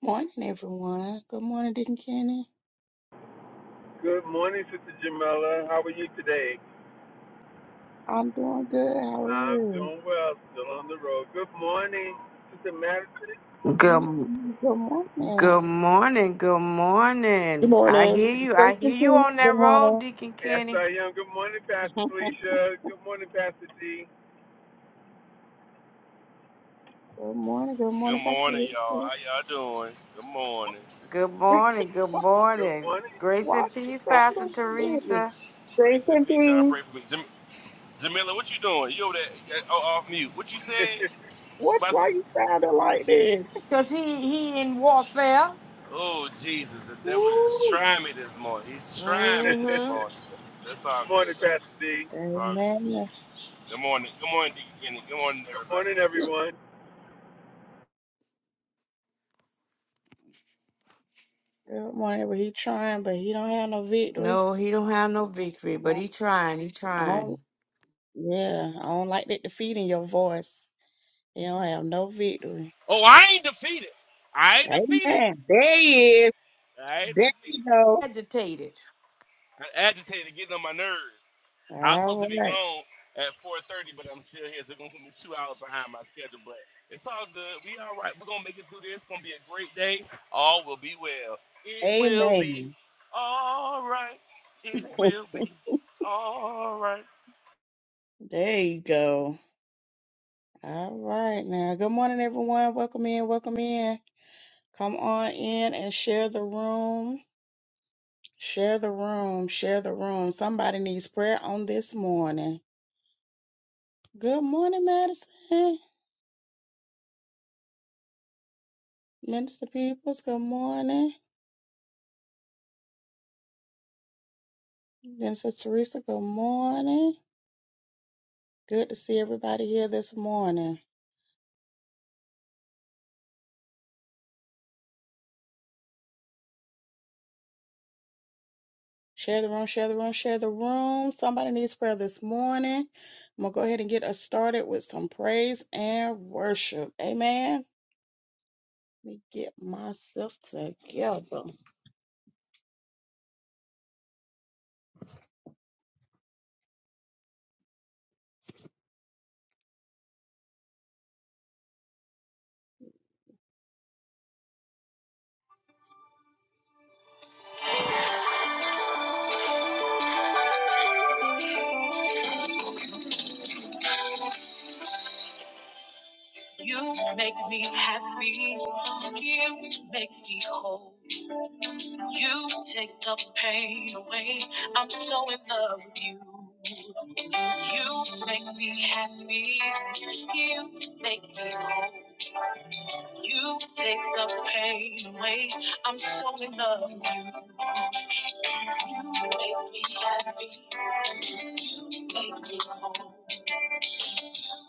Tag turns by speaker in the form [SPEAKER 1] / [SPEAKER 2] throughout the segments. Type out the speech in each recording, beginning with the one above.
[SPEAKER 1] Morning, everyone. Good morning, Deacon Kenny.
[SPEAKER 2] Good morning, Sister Jamila. How are you today?
[SPEAKER 1] I'm doing good. How are
[SPEAKER 2] I'm
[SPEAKER 1] you?
[SPEAKER 2] doing well, still on the road. Good morning, Sister Madison.
[SPEAKER 3] Good
[SPEAKER 1] Amen. Good morning.
[SPEAKER 3] good morning, good
[SPEAKER 4] Good
[SPEAKER 3] morning. I
[SPEAKER 4] morning.
[SPEAKER 3] hear you.
[SPEAKER 5] Grace
[SPEAKER 3] I
[SPEAKER 5] and
[SPEAKER 3] hear you
[SPEAKER 5] peace.
[SPEAKER 3] on
[SPEAKER 5] Good
[SPEAKER 3] that road,
[SPEAKER 5] morning.
[SPEAKER 3] Deacon
[SPEAKER 2] Yes,
[SPEAKER 3] Kenny.
[SPEAKER 2] I am. Good morning, Pastor Felicia. Good morning, Pastor D.
[SPEAKER 1] Good morning. Good
[SPEAKER 6] Good
[SPEAKER 1] morning, Pastor
[SPEAKER 6] morning, y'all.
[SPEAKER 1] Lisa.
[SPEAKER 6] How y'all doing? Good morning.
[SPEAKER 3] Good morning, good
[SPEAKER 2] Good
[SPEAKER 3] morning.
[SPEAKER 2] morning.
[SPEAKER 3] Grace
[SPEAKER 1] Why are
[SPEAKER 3] and
[SPEAKER 1] you
[SPEAKER 3] peace, Pastor
[SPEAKER 1] sounding like this?
[SPEAKER 3] Teresa.
[SPEAKER 5] Grace
[SPEAKER 6] Grace and
[SPEAKER 5] and
[SPEAKER 6] peace. Y'all
[SPEAKER 5] peace.
[SPEAKER 6] pray for me. Jam- Jamila, what you doing? You over there? yeah, Oh, off mute. What you said?
[SPEAKER 1] What?
[SPEAKER 6] My
[SPEAKER 1] Why
[SPEAKER 6] son-
[SPEAKER 1] you sounding like this?
[SPEAKER 3] Cause he he in warfare.
[SPEAKER 6] oh, Jesus. The devil just
[SPEAKER 1] Woo.
[SPEAKER 6] trying me this morning. He's trying me this
[SPEAKER 3] Mm-hmm.
[SPEAKER 2] Good
[SPEAKER 6] morning. That's all good,
[SPEAKER 2] morning,
[SPEAKER 6] though.
[SPEAKER 2] Pastor D.
[SPEAKER 6] It's all good.
[SPEAKER 1] Amen.
[SPEAKER 6] Good morning. Good morning, Deacon Kenny. Good morning,
[SPEAKER 2] Good
[SPEAKER 6] everybody.
[SPEAKER 2] morning, everyone.
[SPEAKER 1] Good morning. But he trying, but he don't have no victory.
[SPEAKER 3] No, he don't have no victory,
[SPEAKER 1] I
[SPEAKER 3] but
[SPEAKER 1] don't,
[SPEAKER 3] he trying, he
[SPEAKER 1] I don't.
[SPEAKER 3] trying.
[SPEAKER 1] Yeah, I don't like that defeat in your voice. He don't have no victory.
[SPEAKER 6] Oh, I ain't defeated. I ain't defeated.
[SPEAKER 1] Amen. There he is.
[SPEAKER 6] I ain't
[SPEAKER 1] There
[SPEAKER 6] defeated.
[SPEAKER 1] you go.
[SPEAKER 3] Agitated.
[SPEAKER 6] I'm agitated, getting on my nerves. I was supposed to
[SPEAKER 1] All
[SPEAKER 6] be
[SPEAKER 1] right.
[SPEAKER 6] gone at 4:30, but I'm still here, so it's gonna put me two hours behind my schedule. But it's all good. We all right. We're gonna make it through this. It's gonna be a great day. All will be well. It will be
[SPEAKER 1] Amen.
[SPEAKER 6] all right. It will be all right.
[SPEAKER 1] There you go. All right now. Good morning, everyone. Welcome in. Welcome in. Come on in and share the room. Share the room. Share the room. Somebody needs prayer on this morning. Good morning, Madison. Minister Peoples, good morning. Minister Teresa, good morning. Good to see everybody here this morning. Share the room, share the room, share the room. Somebody needs prayer this morning. I'm going to go ahead and get us started with some praise and worship. Amen. Let me get myself together. You make me happy. You make me whole. You take the pain away. I'm so in love with you. You make me happy. You make me whole. You take the pain away. I'm so in love. with You You make me happy. You make me whole.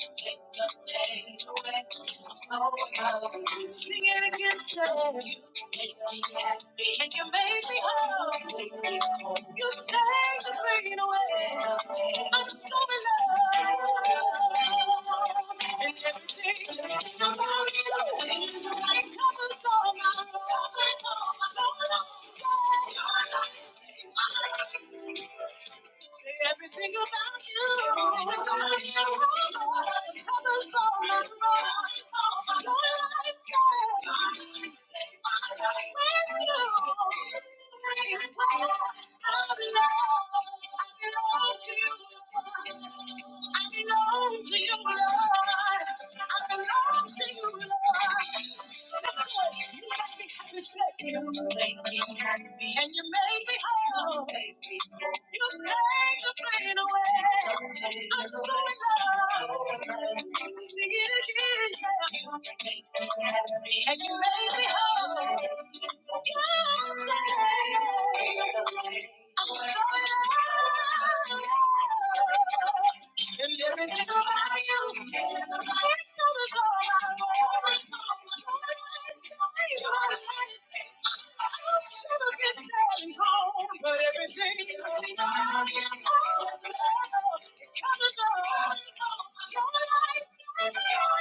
[SPEAKER 1] Take the pain away. I'm so in love. with you. Sing it again, say. You make me happy. And you make me whole. You make me whole. You take the pain away. I'm so in love. And everything. Say everything about you. I belong to you, Lord. I belong to you, Lord. You make me happy, say. You make me happy. And you make me whole. You You take the pain away. I'm so in love. Sing it again. You make me happy. And you make me whole. Yeah. I'm so in love. And everything's gonna But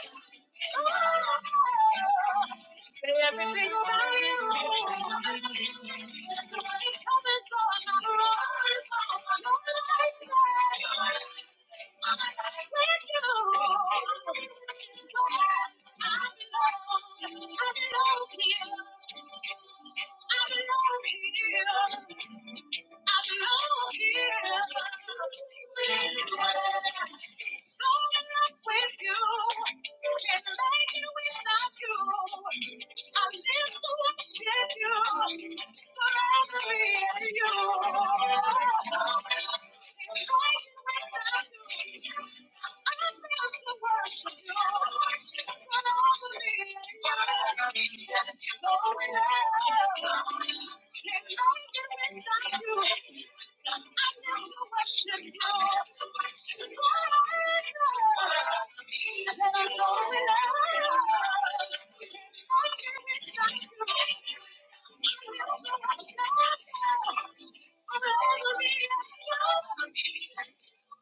[SPEAKER 1] everything Everything about you. It's a running count, and I'm not running. I'm not running scared. I'm in love with you. I'm in love. I'm in love here. I'm in love here. I'm lost here, but I'm still in love with you. Can't make it without you. I live to worship you, forever be at your feet.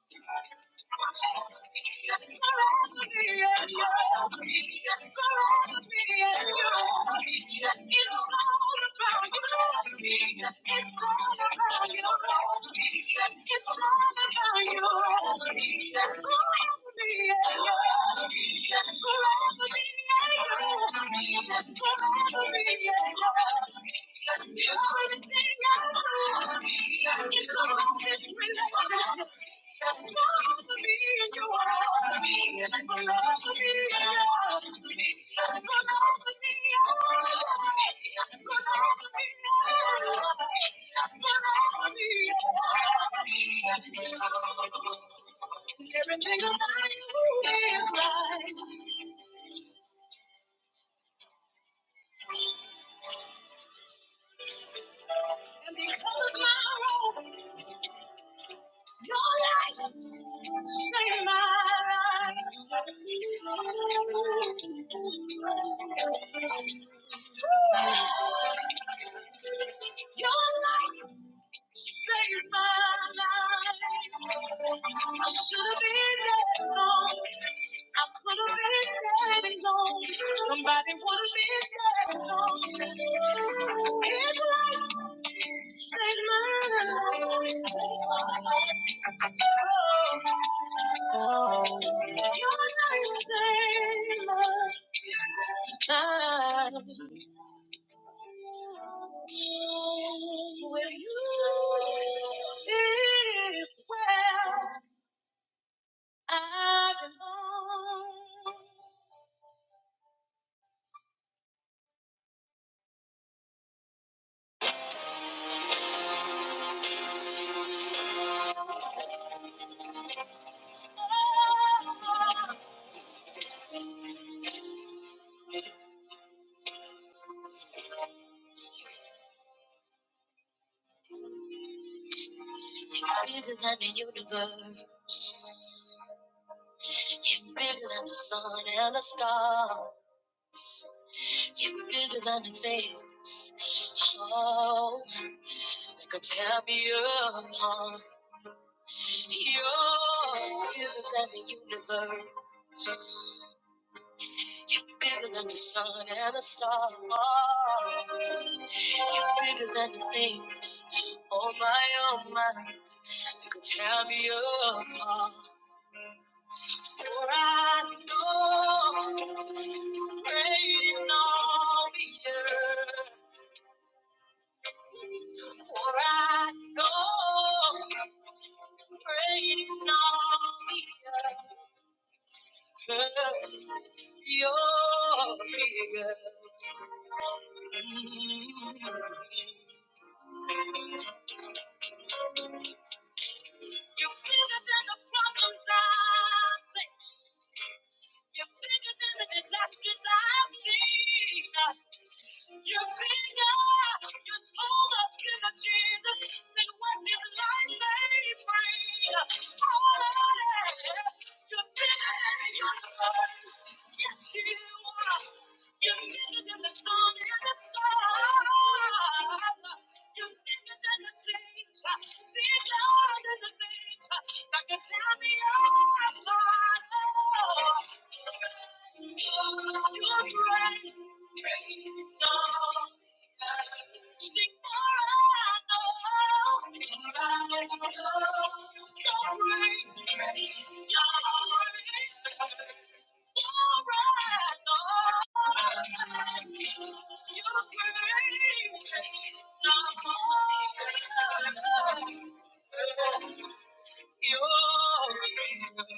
[SPEAKER 1] It's all about you. Everything about you is right. And because my role Your light, save my life. Your light. Saved my life. I should have been dead alone. I could have been dead alone. Somebody would have been dead alone. His life saved my life. Oh, oh. your life saved mine. Ah, with you is where I belong. Bigger than the universe, you're bigger than the sun and the stars. You're bigger than the things, oh, that could tear me apart. You're bigger than the universe. You're bigger than the sun and the stars. You're bigger than the things. Oh my, oh my, you could tear me apart. For I know you're reigning on the earth. For I know you're reigning on the earth. You're bigger than the problems I face. You're bigger than the disasters I've seen. You're bigger. You're so much bigger, Jesus, than what this life may bring. Oh, yeah. You're bigger than the universe. Yes, you are. You're bigger than the sun and the stars. You're bigger than the things, bigger than the things that can tear me apart. Oh, you're great, great, no. Sing more, I know. I know. So great. You're sorry, sorry, no. You're crazy, no more, no. You're bigger,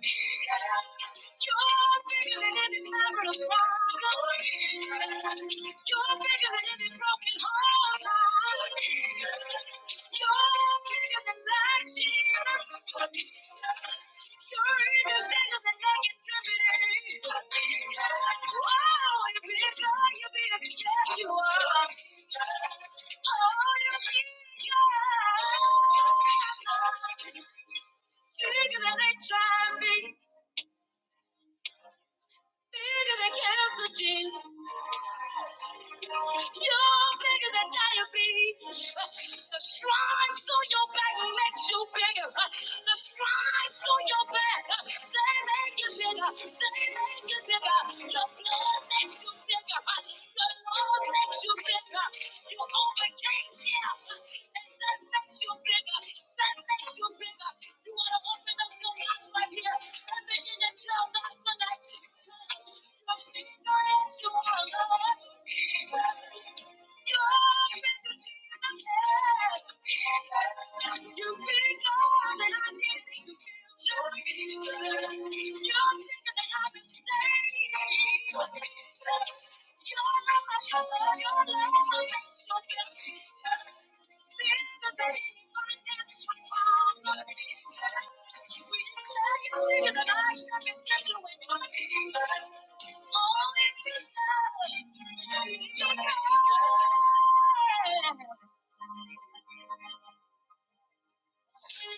[SPEAKER 1] Jesus. You're bigger than any marital problem. You're bigger than any broken heart. You're bigger than black Jesus. You're bigger than negativity. Oh, you're bigger, you're bigger, yes you are. Oh, you're bigger. Bigger than HIV. Bigger than cancer, Jesus. You're bigger than diabetes. The stripes on your back makes you bigger. The stripes on your back, they make you bigger. They make you bigger. The Lord makes you bigger. The Lord makes you bigger. You overcame death that makes you bigger, that makes you bigger. You want to open up your mouth right here. Everything that you're not tonight, you're bigger as you are, You're bigger than I am. You're bigger than I need You're bigger than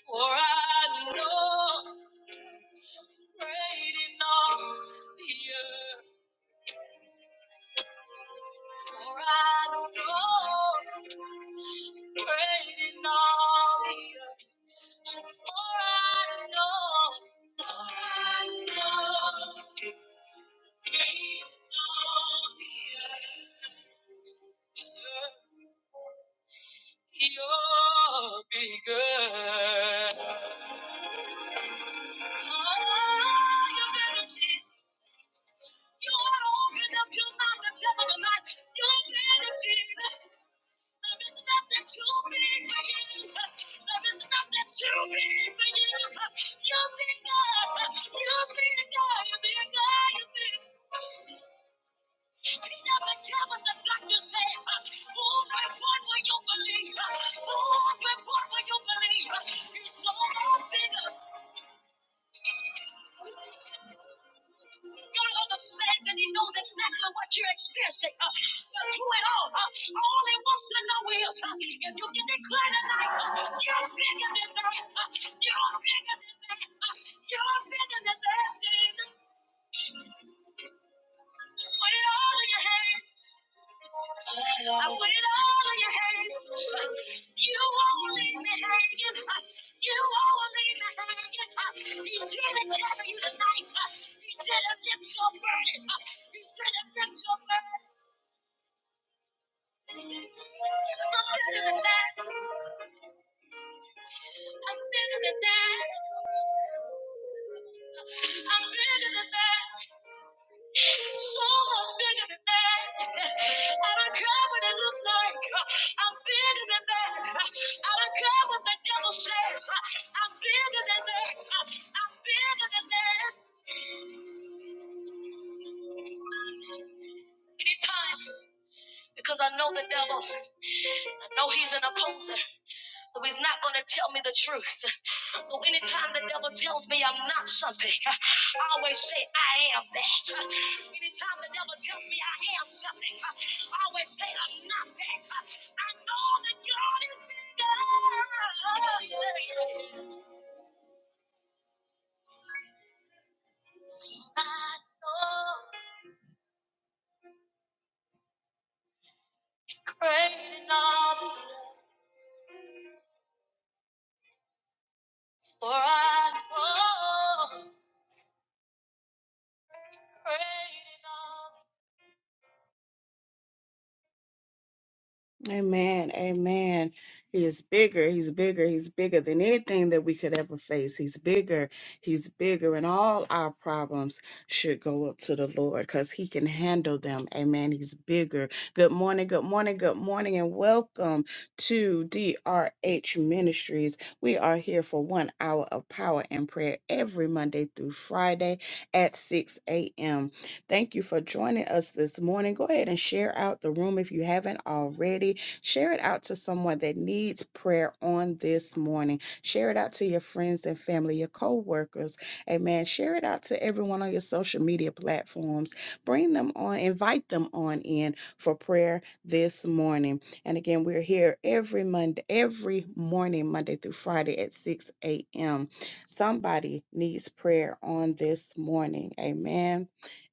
[SPEAKER 1] for I know great in all the earth. For I don't know, great all the earth. So for I don't know, for I don't know, great all the earth. You're bigger. Oh, you're better, open up your mouth and tell them tonight. You're energy. Love is not too big for you. Love is not too big for you. You're big You're big God. You're doesn't care what the doctor says. Move with what will you believe? Move with what will you believe? He's so much bigger. God understands and He knows exactly what you're experiencing uh, through it all. Uh, all He wants to know is uh, if you can declare tonight, uh, you're bigger than that. Uh, you're bigger than that. Uh, you're bigger than that. Uh, you're bigger than that. Put it all in your hands. I put it all in your hands. You won't leave me hanging. You won't leave me hanging. He's here to carry you tonight. He He's here to lift your burden. said here to lift your burden. So much bigger than that. I don't care what it looks like. I'm bigger than that. I don't care what the devil says. I'm bigger than that. I'm bigger than that. Anytime, because I know the devil. I know he's an opposer. So he's not going to tell me the truth. So anytime the devil tells me I'm not something, I always say I am that. Anytime the devil tells me I am something, I always say I'm not that. I know that God is bigger. I know great and all, for I know great and all. Amen. Amen. He is bigger. He's bigger. He's bigger than anything that we could ever face. He's bigger. He's bigger. And all our problems should go up to the Lord because He can handle them. Amen. He's bigger. Good morning. Good morning. Good morning. And welcome to DRH Ministries. We are here for one hour of power and prayer every Monday through Friday at 6 a.m. Thank you for joining us this morning. Go ahead and share out the room if you haven't already. Share it out to someone that needs prayer on this morning. Share it out to your friends and family, your co workers. Amen. Share it out to everyone on your social media platforms. Bring them on, invite them on in for prayer this morning. And again, we're here every Monday, every morning, Monday through Friday at 6 a.m. Somebody needs prayer on this morning. Amen.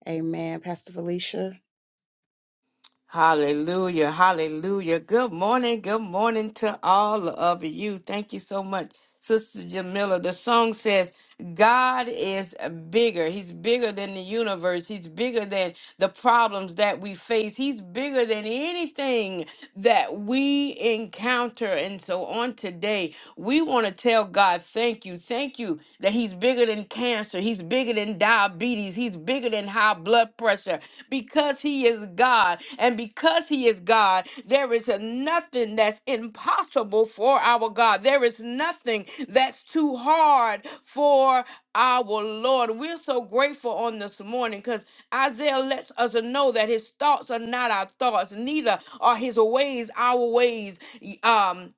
[SPEAKER 1] Amen. Pastor Felicia.
[SPEAKER 3] Hallelujah. Hallelujah. Good morning. Good morning to all of you. Thank you so much, Sister Jamila. The song says, God is bigger. He's bigger than the universe. He's bigger than the problems that we face. He's bigger than anything that we encounter. And so on today, we want to tell God, thank you. Thank you that He's bigger than cancer. He's bigger than diabetes. He's bigger than high blood pressure because he is God. And because he is God, there is a nothing that's impossible for our God. There is nothing that's too hard for our Lord. We're so grateful on this morning because Isaiah lets us know that his thoughts are not our thoughts, neither are his ways our ways. Um,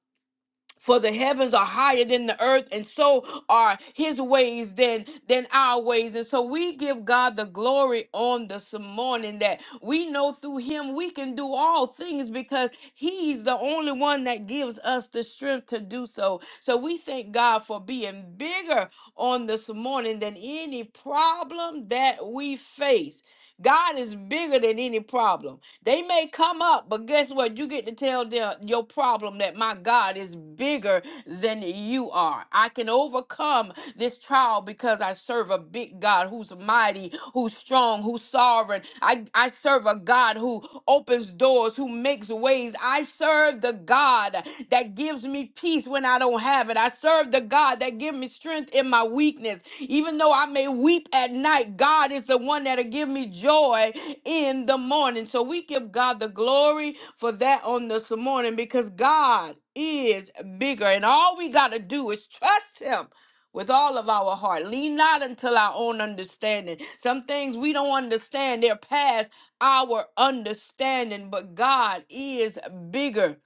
[SPEAKER 3] for the heavens are higher than the earth and so are his ways than than our ways and so we give god the glory on this morning that we know through him we can do all things because he's the only one that gives us the strength to do so so we thank god for being bigger on this morning than any problem that we face God is bigger than any problem. They may come up, but guess what? You get to tell their, your problem that my God is bigger than you are. I can overcome this trial because I serve a big God who's mighty, who's strong, who's sovereign. I, I serve a God who opens doors, who makes ways. I serve the God that gives me peace when I don't have it. I serve the God that gives me strength in my weakness. Even though I may weep at night, God is the one that'll give me joy in the morning. So we give God the glory for that on this morning because God is bigger. And all we got to do is trust Him with all of our heart. Lean not until our own understanding. Some things we don't understand, they're past our understanding, but God is bigger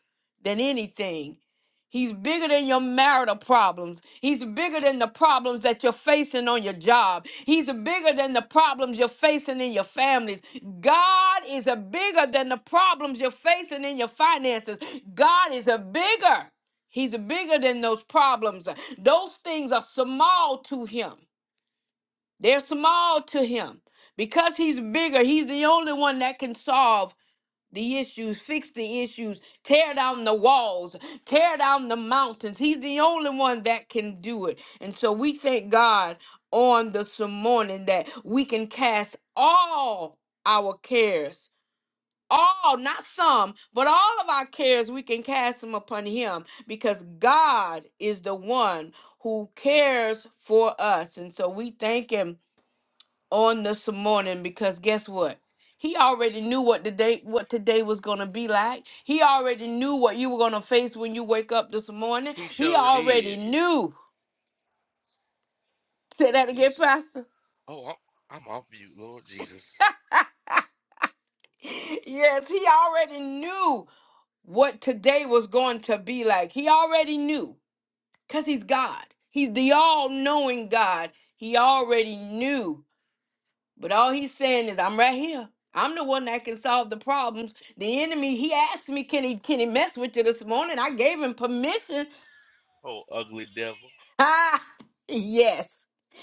[SPEAKER 3] than anything. He's bigger than your marital problems. He's bigger than the problems that you're facing on your job. He's bigger than the problems you're facing in your families. God is a bigger than the problems you're facing in your finances. God is a bigger. He's bigger than those problems. Those things are small to him. They're small to him. Because he's bigger, he's the only one that can solve the issues, fix the issues, tear down the walls, tear down the mountains. He's the only one that can do it. And so we thank God on this morning that we can cast all our cares. All, not some, but all of our cares, we can cast them upon Him because God is the one who cares for us. And so we thank Him on this morning because guess what? He already knew what the day, what today was gonna be like. He already knew what you were gonna face when you wake up this morning.
[SPEAKER 6] He
[SPEAKER 3] He
[SPEAKER 6] sure
[SPEAKER 3] already
[SPEAKER 6] did.
[SPEAKER 3] knew. Say that again,
[SPEAKER 6] He's
[SPEAKER 3] Pastor.
[SPEAKER 6] oh, I'm, I'm off mute, Lord Jesus.
[SPEAKER 3] Yes, he already knew what today was going to be like. He already knew. Because he's God. He's the all-knowing God. He already knew. But all he's saying is, I'm right here. I'm the one that can solve the problems. The enemy, he asked me, can he can he mess with you this morning? I gave him permission.
[SPEAKER 6] Oh, ugly devil.
[SPEAKER 3] Ah, yes.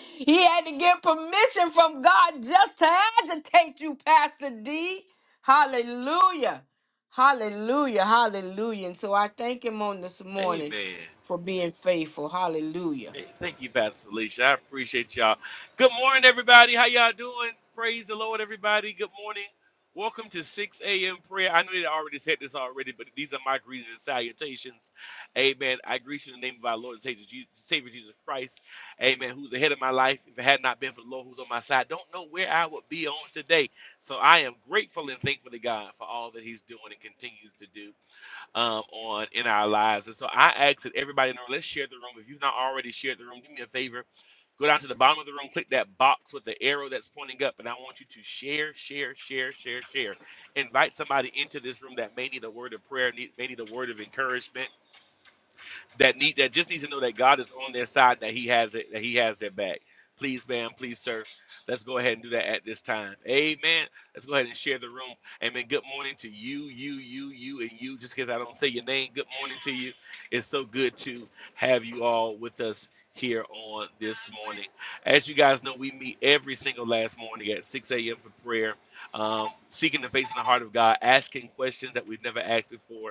[SPEAKER 3] He had to get permission from God just to agitate you, Pastor D. Hallelujah. Hallelujah. Hallelujah. And so I thank him on this morning
[SPEAKER 6] Amen.
[SPEAKER 3] for being faithful. Hallelujah.
[SPEAKER 6] Hey, thank you, Pastor Alicia. I appreciate y'all. Good morning, everybody. How y'all doing? Praise the Lord, everybody. Good morning. Welcome to 6 a.m. prayer. I know they already said this already, but these are my greetings and salutations. Amen. I greet you in the name of our Lord and Savior Jesus, Savior Jesus Christ. Amen. Who's ahead of my life. If it had not been for the Lord who's on my side, don't know where I would be on today. So I am grateful and thankful to God for all that He's doing and continues to do um, on in our lives. And so I ask that everybody in the room, let's share the room. If you've not already shared the room, do me a favor. Go down to the bottom of the room, click that box with the arrow that's pointing up, and I want you to share, share, share, share, share. Invite somebody into this room that may need a word of prayer, need, may need a word of encouragement that need that just needs to know that God is on their side, that He has it, that He has their back. Please, ma'am, please, sir. Let's go ahead and do that at this time. Amen. Let's go ahead and share the room. Amen. Good morning to you, you, you, you, and you. Just because I don't say your name, good morning to you. It's so good to have you all with us here on this morning. As you guys know, we meet every single last morning at 6 a.m. for prayer, um, seeking the face and the heart of God, asking questions that we've never asked before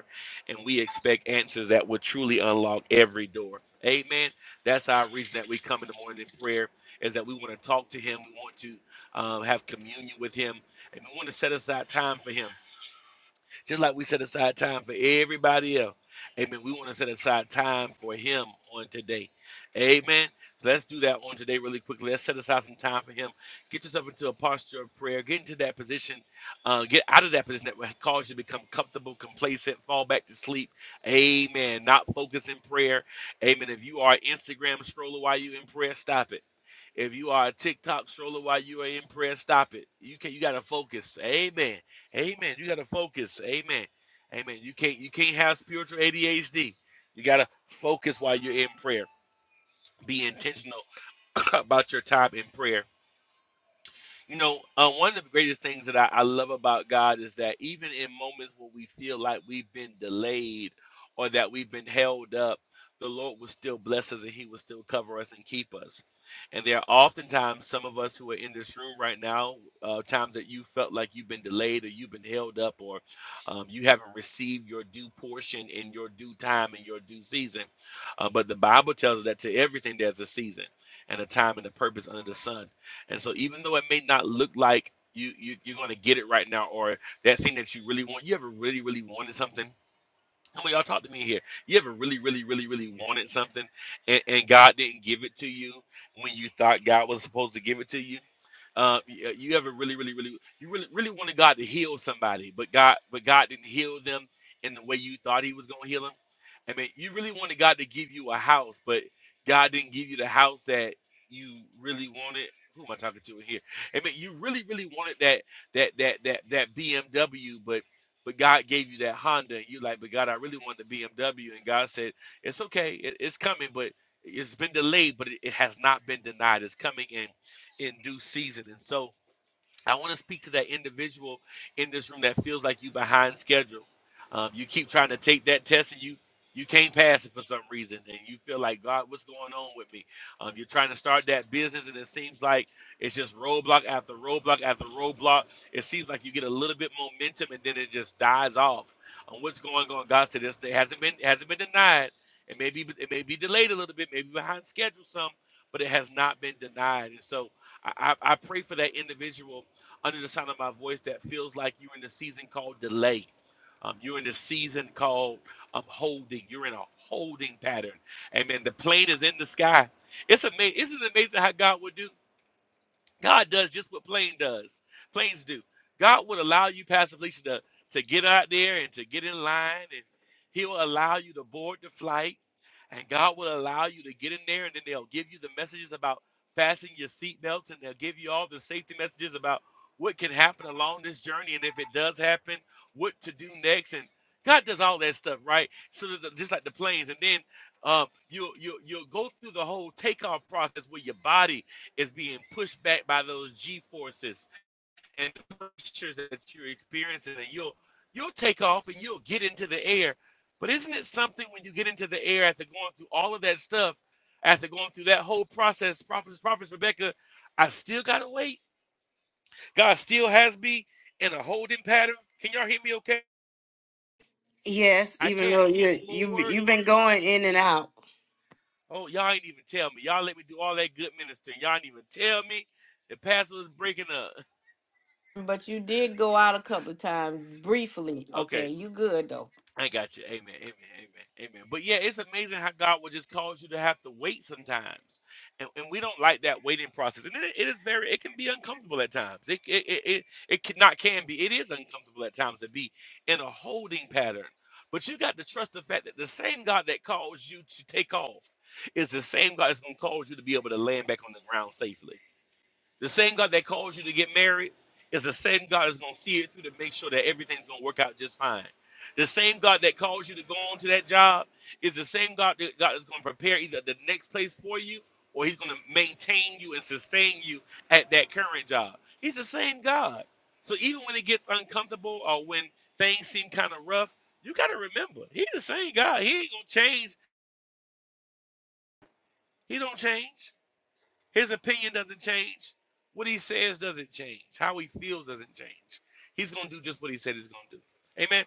[SPEAKER 6] and we expect answers that will truly unlock every door. Amen. That's our reason that we come in the morning in prayer is that we want to talk to Him, we want to um, have communion with Him, and we want to set aside time for Him. Just like we set aside time for everybody else. Amen. We want to set aside time for him on today. Amen. So let's do that on today really quickly. Let's set aside some time for him. Get yourself into a posture of prayer. Get into that position. Uh, get out of that position that will cause you to become comfortable, complacent, fall back to sleep. Amen. Not focus in prayer. Amen. If you are an Instagram scroller while you in prayer, stop it. If you are a TikTok stroller while you are in prayer, stop it. You can you gotta focus. Amen. Amen. You gotta focus. Amen. Amen. You can't you can't have spiritual ADHD. You gotta focus while you're in prayer. Be intentional about your time in prayer you know, uh, one of the greatest things that I, I love about God is that even in moments where we feel like we've been delayed or that we've been held up, the Lord will still bless us and He will still cover us and keep us. And there are oftentimes some of us who are in this room right now, uh, times that you felt like you've been delayed or you've been held up or um, you haven't received your due portion in your due time and your due season. Uh, but the Bible tells us that to everything there's a season and a time and a purpose under the sun. And so even though it may not look like you, you you're gonna get it right now, or that thing that you really want, you ever really, really wanted something. Come of y'all talk to me here. You ever really, really, really, really wanted something and, and God didn't give it to you when you thought God was supposed to give it to you? Uh, you, you ever really, really, really, you really, really wanted God to heal somebody, but God, but God didn't heal them in the way you thought He was going to heal them. I mean, you really wanted God to give you a house, but God didn't give you the house that you really wanted. Who am I talking to in here? I mean, you really, really wanted that that that that that BMW, but but God gave you that Honda, and you're like, but God, I really want the BMW, and God said, it's okay, it, it's coming, but it's been delayed, but it, it has not been denied. It's coming in in due season. And so I want to speak to that individual in this room that feels like you behind schedule. Um, you keep trying to take that test and you you can't pass it for some reason, and you feel like God, what's going on with me? Um, you're trying to start that business, and it seems like it's just roadblock after roadblock after roadblock. It seems like you get a little bit momentum, and then it just dies off. Um, what's going on, God? To this day hasn't been hasn't been denied. It may be it may be delayed a little bit, maybe behind schedule some, but it has not been denied. And so I, I I pray for that individual under the sound of my voice that feels like you're in the season called delay. Um, you're in the season called um, holding. You're in a holding pattern. Amen. The plane is in the sky. It's amazing. Isn't it amazing how God will do? God does just what plane does. Planes do. God will allow you, Pastor Felicia, to, to get out there and to get in line, and He'll allow you to board the flight, and God will allow you to get in there, and then they'll give you the messages about fastening your seatbelts, and they'll give you all the safety messages about what can happen along this journey, and if it does happen, what to do next, and God does all that stuff, right? So that the- just like the planes, and then um, you you you'll go through the whole takeoff process where your body is being pushed back by those G forces and the pressures that you're experiencing. And you'll you'll take off and you'll get into the air. But isn't it something when you get into the air after going through all of that stuff, after going through that whole process, prophets, prophets, Rebecca, I still gotta wait. God still has me in a holding pattern. Can y'all hear me okay?
[SPEAKER 3] Yes,
[SPEAKER 6] I
[SPEAKER 3] even
[SPEAKER 6] can't
[SPEAKER 3] though
[SPEAKER 6] move
[SPEAKER 3] you you
[SPEAKER 6] forward.
[SPEAKER 3] you've been going in and out.
[SPEAKER 6] Oh, y'all ain't even tell me. Y'all let me do all that good ministering. Y'all ain't even tell me. The pastor was breaking up.
[SPEAKER 3] But you did go out a couple of times briefly.
[SPEAKER 6] Okay.
[SPEAKER 3] Okay, you good though.
[SPEAKER 6] I got you. Amen. Amen. Amen. Amen. But yeah, it's amazing how God will just cause you to have to wait sometimes. And, and we don't like that waiting process. And it, it is very, it can be uncomfortable at times. It, it, it, it, it can, not can be, it is uncomfortable at times to be in a holding pattern. But you got to trust the fact that the same God that caused you to take off is the same God that's going to cause you to be able to land back on the ground safely. The same God that calls you to get married is the same God that's going to see it through to make sure that everything's going to work out just fine. The same God that calls you to go on to that job is the same God that God is going to prepare either the next place for you or he's going to maintain you and sustain you at that current job. He's the same God. So even when it gets uncomfortable or when things seem kind of rough, you got to remember, he's the same God. He ain't going to change. He don't change. His opinion doesn't change. What he says doesn't change. How he feels doesn't change. He's going to do just what he said he's going to do. Amen.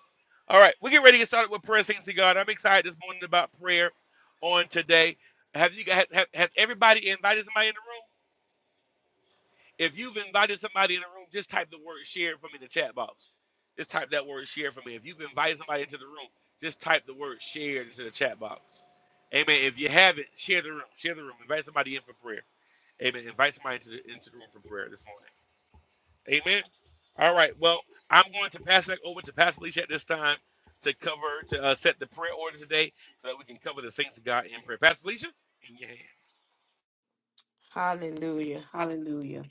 [SPEAKER 6] All right, we get ready to get started with prayer, saints of God. I'm excited this morning about prayer on today. Have you guys, have, has everybody invited somebody in the room? If you've invited somebody in the room, just type the word share for me in the chat box. Just type that word share for me. If you've invited somebody into the room, just type the word share into the chat box. Amen. If you haven't, share the room. Share the room. Invite somebody in for prayer. Amen. Invite somebody into the, into the room for prayer this morning. Amen. All right. Well, I'm going to pass back over to Pastor Alicia at this time to cover, to uh, set the prayer order today so that we can cover the saints of God in prayer. Pastor Alicia, in your hands.
[SPEAKER 3] Hallelujah. Hallelujah.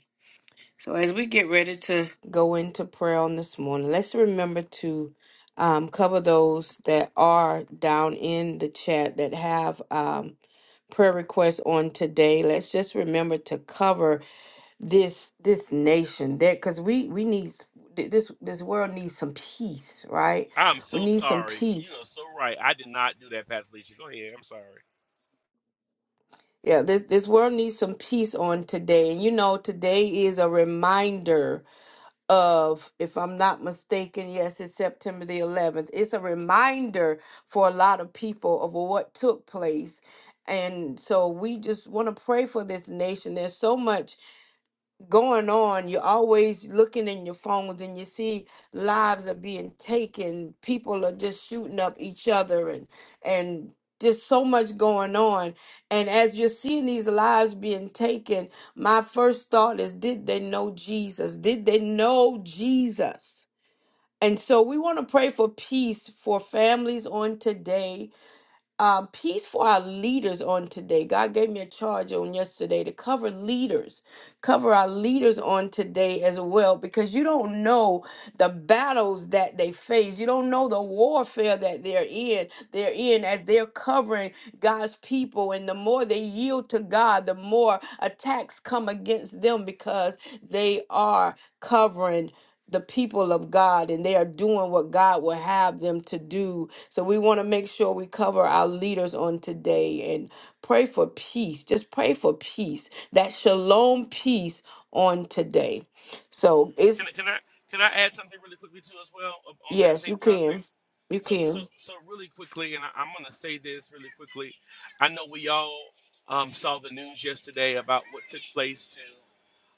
[SPEAKER 3] So as we get ready to go into prayer on this morning, let's remember to um, cover those that are down in the chat that have um, prayer requests on today. Let's just remember to cover this this nation that because we we need s- th- this this world needs some peace, right?
[SPEAKER 6] I'm
[SPEAKER 3] We
[SPEAKER 6] so
[SPEAKER 3] need some
[SPEAKER 6] sorry. You
[SPEAKER 3] peace
[SPEAKER 6] are so right. I did not do that, Pastor Alicia. Go ahead. I'm sorry.
[SPEAKER 3] Yeah, this this world needs some peace on today. And you know, today is a reminder of, if I'm not mistaken, yes, it's September the 11th. It's a reminder for a lot of people of what took place. And so we just want to pray for this nation. There's so much going on. You're always looking in your phones and you see lives are being taken. People are just shooting up each other and and just so much going on. And as you're seeing these lives being taken, my first thought is did they know Jesus? Did they know Jesus? And so we want to pray for peace for families on today um, peace for our leaders on today. God gave me a charge on yesterday to cover leaders, cover our leaders on today as well, because you don't know the battles that they face. You don't know the warfare that they're in. They're in as they're covering God's people. And the more they yield to God, the more attacks come against them because they are covering the people of God and they are doing what God will have them to do. So we want to make sure we cover our leaders on today and pray for peace. Just pray for peace, that shalom peace on today. So
[SPEAKER 6] Can,
[SPEAKER 3] it's,
[SPEAKER 6] I- can I can I add something really quickly too as well of- on that
[SPEAKER 3] yes,
[SPEAKER 6] same
[SPEAKER 3] you
[SPEAKER 6] topic?
[SPEAKER 3] can. You
[SPEAKER 6] So so
[SPEAKER 3] can.
[SPEAKER 6] so really quickly, and I, I'm gonna say this really quickly. I know we all um, saw the news yesterday about what took place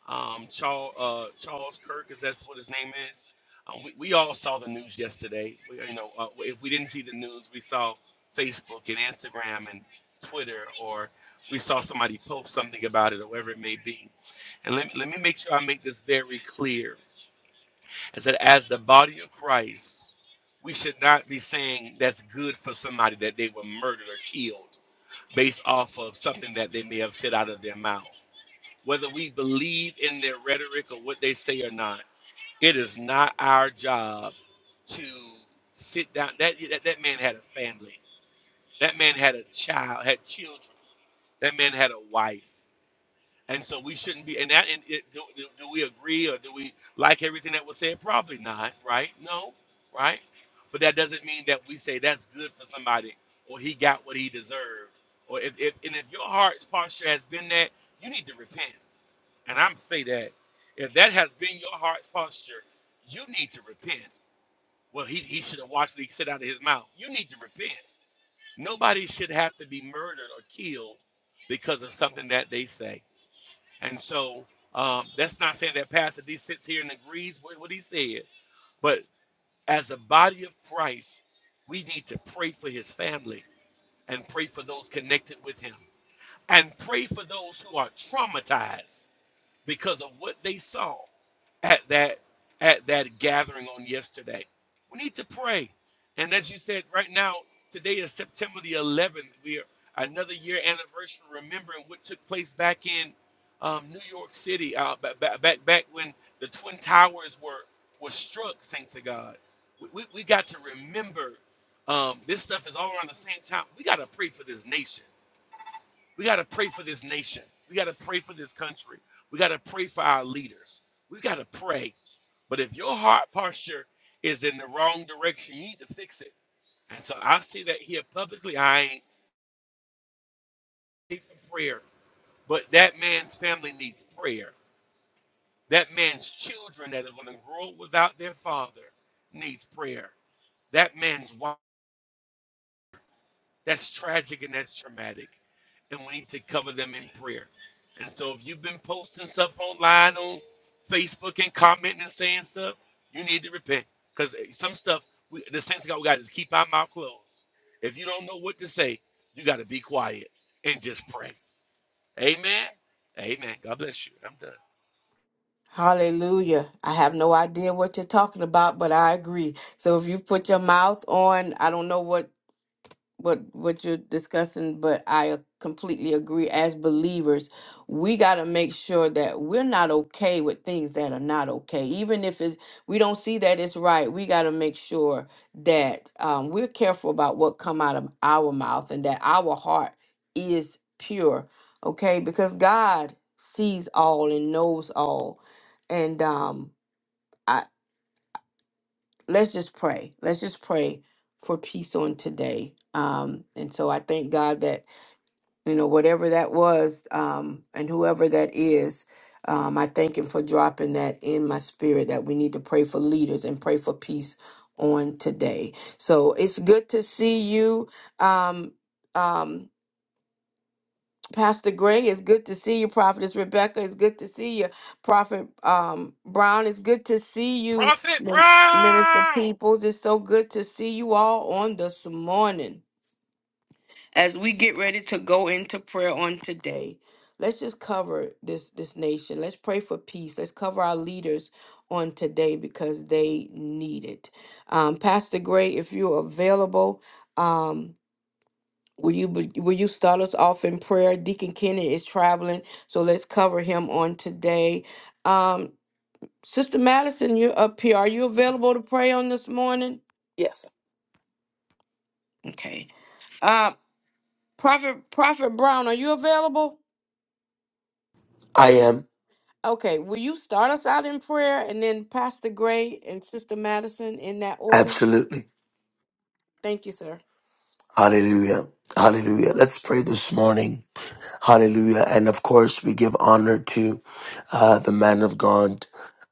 [SPEAKER 6] um, Charles, uh, Charles Kirk, is that's what his name is. Um, we, we all saw the news yesterday. We, you know, uh, if we didn't see the news, we saw Facebook and Instagram and Twitter, or we saw somebody post something about it, or whatever it may be. And let, let me make sure I make this very clear: is that as the body of Christ, we should not be saying that's good for somebody that they were murdered or killed based off of something that they may have said out of their mouth whether we believe in their rhetoric or what they say or not. It is not our job to sit down. That that, that man had a family. That man had a child, had children. That man had a wife, and so we shouldn't be. And that and it, do, do do we agree or do we like everything that was said? Probably not, right? No, right? But that doesn't mean that we say that's good for somebody or he got what he deserved. Or if, if and if your heart's posture has been that, you need to repent and I'm say that if that has been your heart's posture, you need to repent. Well, he, he should have watched me sit out of his mouth. You need to repent. Nobody should have to be murdered or killed because of something that they say. And so um, that's not saying that Pastor D sits here and agrees with what he said, but as a body of Christ, we need to pray for his family and pray for those connected with him and pray for those who are traumatized because of what they saw at that at that gathering on yesterday. We need to pray. And as you said, right now, today is September the 11th. We are another year anniversary, remembering what took place back in um, New York City, uh, back, back back when the Twin Towers were were struck. Saints of God, we, we, we got to remember um, this stuff is all around the same time. We got to pray for this nation. We got to pray for this nation. We got to pray for this country. We got to pray for our leaders. We got to pray. But if your heart posture is in the wrong direction, you need to fix it. And so I say that here publicly. I ain't paid for prayer, but that man's family needs prayer. That man's children that are going to grow up without their father needs prayer. That man's wife. That's tragic and that's traumatic. And we need to cover them in prayer. And so if you've been posting stuff online on Facebook and commenting and saying stuff, you need to repent. Because some stuff, we, the sense of God, we got to keep our mouth closed. If you don't know what to say, you got to be quiet and just pray. Amen. Amen. God bless you. I'm done.
[SPEAKER 3] Hallelujah. I have no idea what you're talking about, but I agree. So if you put your mouth on, I don't know what what what you're discussing but i uh, completely agree as believers we got to make sure that we're not okay with things that are not okay even if it's we don't see that it's right we got to make sure that um, we're careful about what come out of our mouth and that our heart is pure okay because god sees all and knows all and um i let's just pray let's just pray for peace on today um and so i thank god that you know, whatever that was, um, and whoever that is, um, I thank him for dropping that in my spirit that we need to pray for leaders and pray for peace on today. So it's good to see you, um, um, Pastor Gray. It's good to see you, Prophetess Rebecca. It's good to see you, Prophet um, Brown. It's good to see you,
[SPEAKER 6] Prophet
[SPEAKER 3] Min- Minister
[SPEAKER 6] Brown.
[SPEAKER 3] Peoples. It's so good to see you all on this morning as we get ready to go into prayer on today let's just cover this this nation let's pray for peace let's cover our leaders on today because they need it um, pastor gray if you're available um, will you be- will you start us off in prayer deacon kenny is traveling so let's cover him on today um, sister madison you're up here are you available to pray on this morning
[SPEAKER 4] Yes.
[SPEAKER 3] okay uh prophet prophet brown are you available
[SPEAKER 7] I am.
[SPEAKER 3] Okay, will you start us out in prayer and then Pastor Gray and Sister Madison in that order?
[SPEAKER 7] Absolutely.
[SPEAKER 3] Thank you, sir.
[SPEAKER 7] Hallelujah. Hallelujah. Let's pray this morning. Hallelujah. And of course, we give honor to uh, the man of God,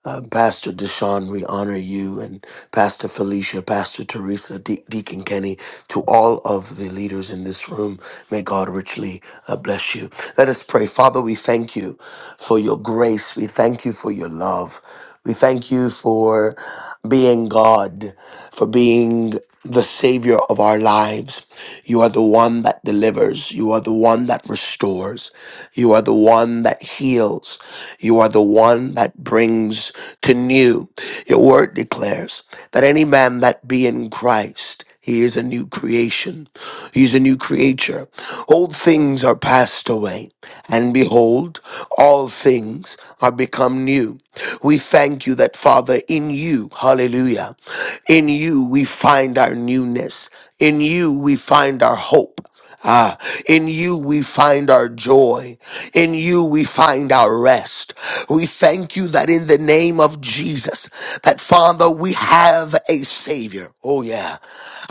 [SPEAKER 7] uh, Pastor Deshaun. We honor you and Pastor Felicia, Pastor Teresa, De- Deacon Kenny, to all of the leaders in this room. May God richly uh, bless you. Let us pray. Father, we thank you for your grace. We thank you for your love. We thank you for being God, for being the Savior of our lives. You are the one that delivers. You are the one that restores. You are the one that heals. You are the one that brings to new. Your word declares that any man that be in Christ, he is a new creation. He's a new creature. Old things are passed away, and behold, all things are become new. We thank you that, Father, in you, hallelujah, in you we find our newness. In you we find our hope. Ah, in you we find our joy. In you we find our rest. We thank you that in the name of Jesus, that Father, we have a Savior. Oh yeah.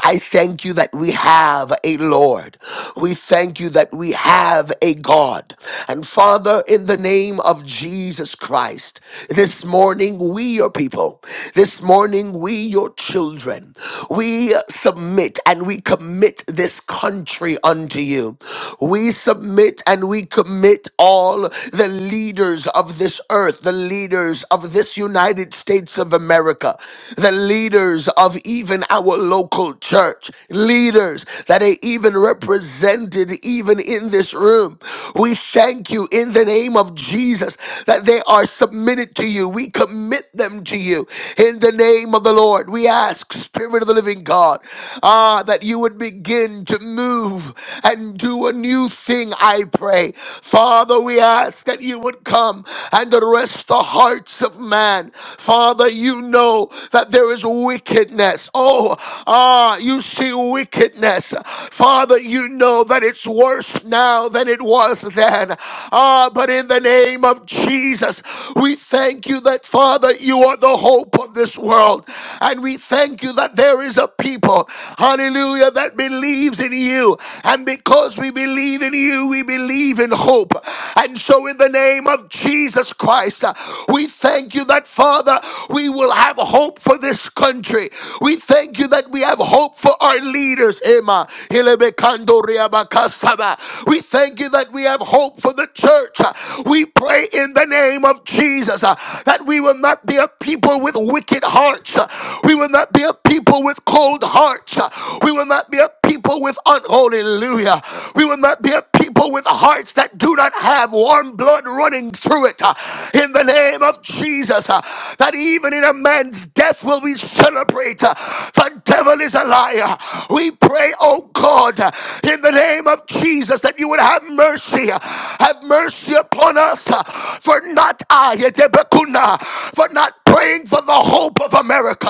[SPEAKER 7] I thank you that we have a Lord. We thank you that we have a God. And Father, in the name of Jesus Christ, this morning we, your people, this morning we, your children, we submit and we commit this country glory unto you. We submit and we commit all the leaders of this earth, the leaders of this United States of America, the leaders of even our local church, leaders that are even represented even in this room. We thank you in the name of Jesus that they are submitted to you. We commit them to you in the name of the Lord. We ask, Spirit of the living God, ah, that you would begin to move move and do a new thing, I pray. Father, we ask that you would come and arrest the hearts of man. Father, you know that there is wickedness. Oh, ah, you see wickedness. Father, you know that it's worse now than it was then. Ah, but in the name of Jesus, we thank you that, Father, you are the hope of this world. And we thank you that there is a people, hallelujah, that believes in you. And because we believe in you, we believe in hope. And so, in the name of Jesus Christ, uh, we thank you that, Father, we will have hope for this country. We thank you that we have hope for our leaders. Emma, Hilebekando Riabakasaba. We thank you that we have hope for the church. Uh, We pray in the name of Jesus uh, that we will not be a people with wicked hearts. Uh, We will not be a people with cold hearts. Uh, We will not be a people with unholy Hallelujah. We will not be a people with hearts that do not have warm blood running through it. uh, In the name of Jesus, uh, that even in a man's death will we celebrate. uh, The devil is a liar. We pray, oh God, uh, in the name of Jesus, that you would have mercy. uh, Have mercy upon us, uh, for not I, Yetebekuna, for not praying for the hope of America.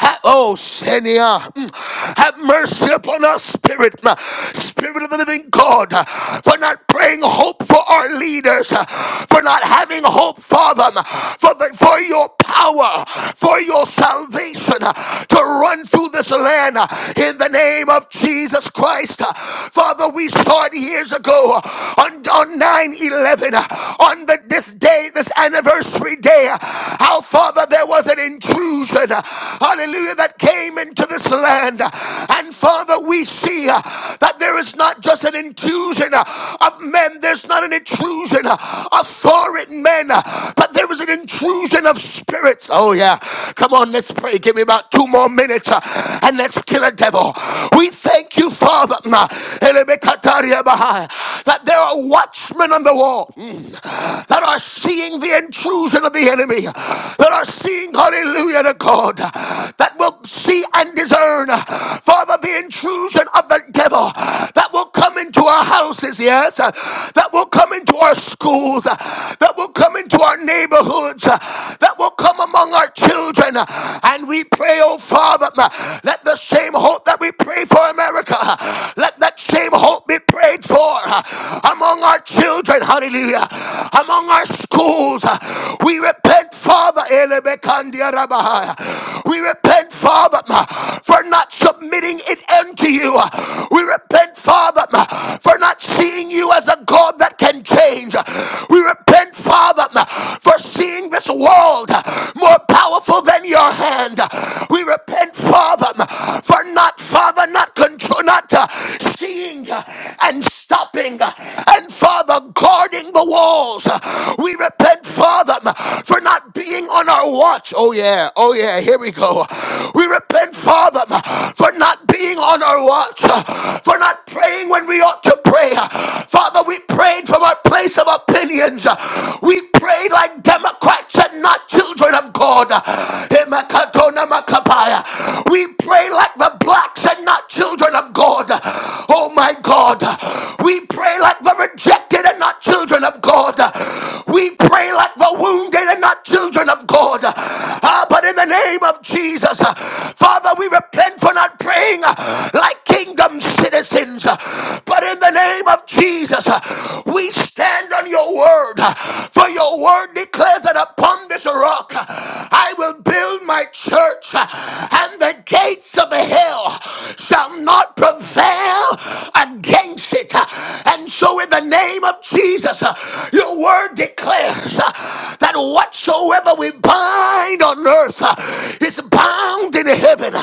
[SPEAKER 7] Ha- Oh, Senia, mm, have mercy upon us, Spirit, mm, Spirit of the living God, uh, for not praying hope for our leaders, uh, for not having hope for them, uh, for, the, for your power, for your salvation uh, to run through this land uh, in the name of Jesus Christ. Uh, Father, we saw it years ago uh, on, on nine eleven 11, on the, this this day, this anniversary day, how, Father, there was an intrusion, hallelujah, that came into this land. And, Father, we see that there is not just an intrusion of men, there's not an intrusion of foreign men, but there was an intrusion of spirits. Oh, yeah. Come on, let's pray. Give me about two more minutes uh, and let's kill a devil. We thank you, Father, mm, uh, that there are are watchmen on the wall mm, that are seeing the intrusion of the enemy, that are seeing, hallelujah to God, that will see and discern, Father, the intrusion of the devil that will come into our houses, yes, that will come into our schools, that will come into our neighborhoods, that will come among our children. And we pray, oh Father, let the same hope that we pray for America, let that same hope be prayed prayed for uh, among our children, hallelujah, among our schools. uh, We repent, Father, Elebekandia we repent, Father, uh, for not submitting it unto you. Uh, We repent, Father, uh, for not seeing you as a God that can change. Uh, We repent, Father, uh, for seeing this world uh, more powerful than your hand. Uh, We repent, Father problem for not, Father, not control, not uh, seeing uh, and stopping uh, and Father guarding the walls. Uh, We repent, Father, um, for not being on our watch. Oh yeah, oh yeah, here we go. We repent, Father, um, for not being on our watch, uh, for not praying when we ought to pray. Uh, Father, we prayed from our place of opinions. Uh, We prayed like Democrats such are not children of God. We pray like the blacks and not children of God. Oh my God. We pray like the rejected and not children of God. We pray like the wounded and not children of God. Ah, but in the name of Jesus, uh, Father, we repent for not praying uh, like kingdom citizens. uh, But in the name of Jesus, uh, we stand on your word. For your word declares that upon this rock I will build my church, and the gates of hell shall not prevail against it. And so, in the name of Jesus, your word declares that whatsoever we bind on earth is bound in heaven,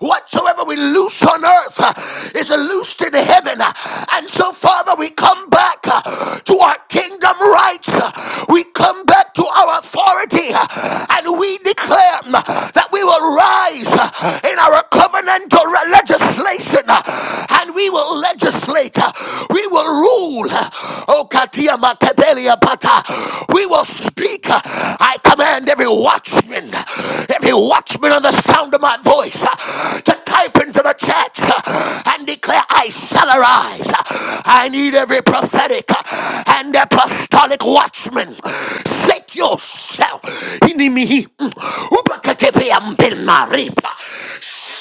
[SPEAKER 7] whatsoever we loose on earth is loosed in heaven. And so, Father, we come back to our kingdom rights. We come back to our authority and we declare that we will rise in our covenantal legislation and we will legislate. We will rule. Oh, Katia Makabelia Bata. We will speak. I command every watchman, every watchman on the sound of my voice to type into the chat and declare, I shall arise. I need every prophetic and apostolic watchman. Shake yourself. Inimihi. Upakekepe ambil maripa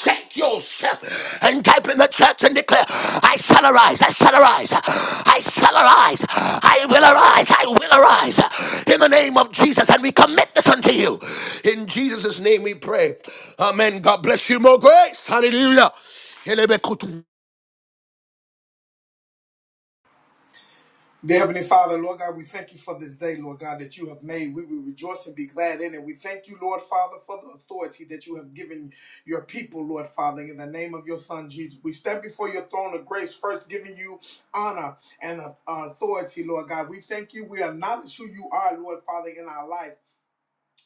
[SPEAKER 7] shake yourself and type in the church and declare, I shall arise, I shall arise, I shall arise, I will arise, I will arise in the name of Jesus. And we commit this unto you. In Jesus' name we pray. Amen. God bless you. More grace. Hallelujah.
[SPEAKER 8] Dear Heavenly Father, Lord God, we thank you for this day, Lord God, that you have made. We will rejoice and be glad in it. We thank you, Lord Father, for the authority that you have given your people, Lord Father, in the name of your Son Jesus. We stand before your throne of grace, first giving you honor and uh, authority, Lord God. We thank you. We acknowledge who you are, Lord Father, in our life.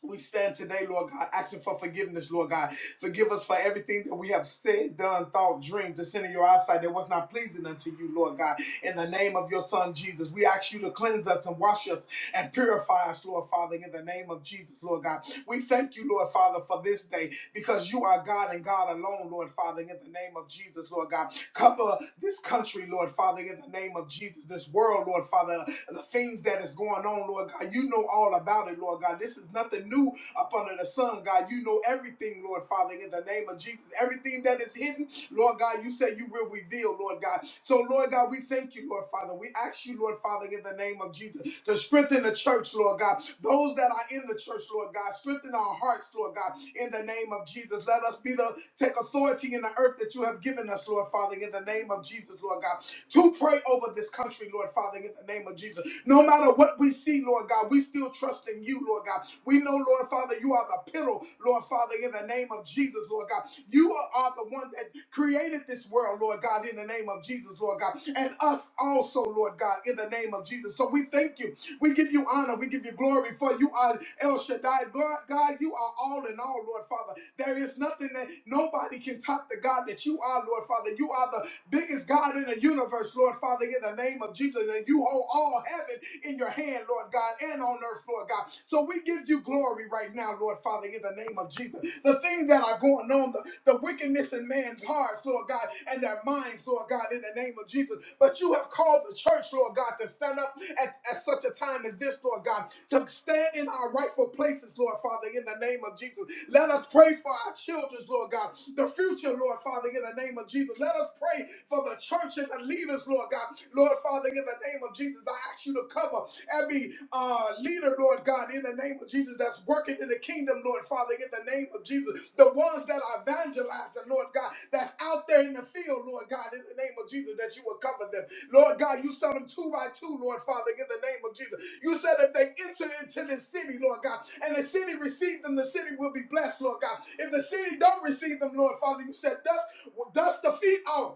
[SPEAKER 8] We stand today, Lord God, asking for forgiveness, Lord God. Forgive us for everything that we have said, done, thought, dreamed, the sin in your eyesight that was not pleasing unto you, Lord God. In the name of your Son, Jesus, we ask you to cleanse us and wash us and purify us, Lord Father, in the name of Jesus, Lord God. We thank you, Lord Father, for this day because you are God and God alone, Lord Father, in the name of Jesus, Lord God. Cover this country, Lord Father, in the name of Jesus. This world, Lord Father, the things that is going on, Lord God. You know all about it, Lord God. This is nothing new up under the sun, God. You know everything, Lord Father, in the name of Jesus. Everything that is hidden, Lord God, you said you will reveal, Lord God. So, Lord God, we thank you, Lord Father. We ask you, Lord Father, in the name of Jesus, to strengthen the church, Lord God. Those that are in the church, Lord God, strengthen our hearts, Lord God. God, in the name of Jesus. Let us be the take authority in the earth that you have given us, Lord Father, in the name of Jesus, Lord God. To pray over this country, Lord Father, in the name of Jesus. No matter what we see, Lord God, we still trust in you, Lord God. We know, Lord Father, you are the Pillar, Lord Father, in the name of Jesus, Lord God. You are the one that created this world, Lord God, in the name of Jesus, Lord God, and us also, Lord God, in the name of Jesus. So we thank you we give you honor. We give you glory for you are El Shaddai. God, God, you are all in all, Lord Father. There is nothing that nobody can top the God that you are, Lord Father. You are the biggest God in the universe, Lord Father, in the name of Jesus. And you hold all heaven in your hand, Lord God, and on earth, Lord God. So we give you glory right now, Lord Father, in the name of Jesus. The things that are going on, the, the wickedness in man's heart hearts, Lord God, and their minds, Lord God, in the name of Jesus. But you have called the church, Lord God, to stand up at, at such a time as this, Lord God, to stand in our rightful places, Lord Father, in the name of Jesus. Let us pray for our children, Lord God, the future, Lord Father, in the name of Jesus. Let us pray for the church and the leaders, Lord God. Lord Father, in the name of Jesus, I ask you to cover every uh, leader, Lord. Lord God, in the name of Jesus, that's working in the kingdom, Lord Father, in the name of Jesus. The ones that are evangelizing, Lord God, that's out there in the field, Lord God, in the name of Jesus, that you will cover them. Lord God, you saw them two by two, Lord Father, in the name of Jesus. You said if they enter into this city, Lord God, and the city received them, the city will be blessed, Lord God. If the city don't receive them, Lord Father, you said, dust, dust the feet off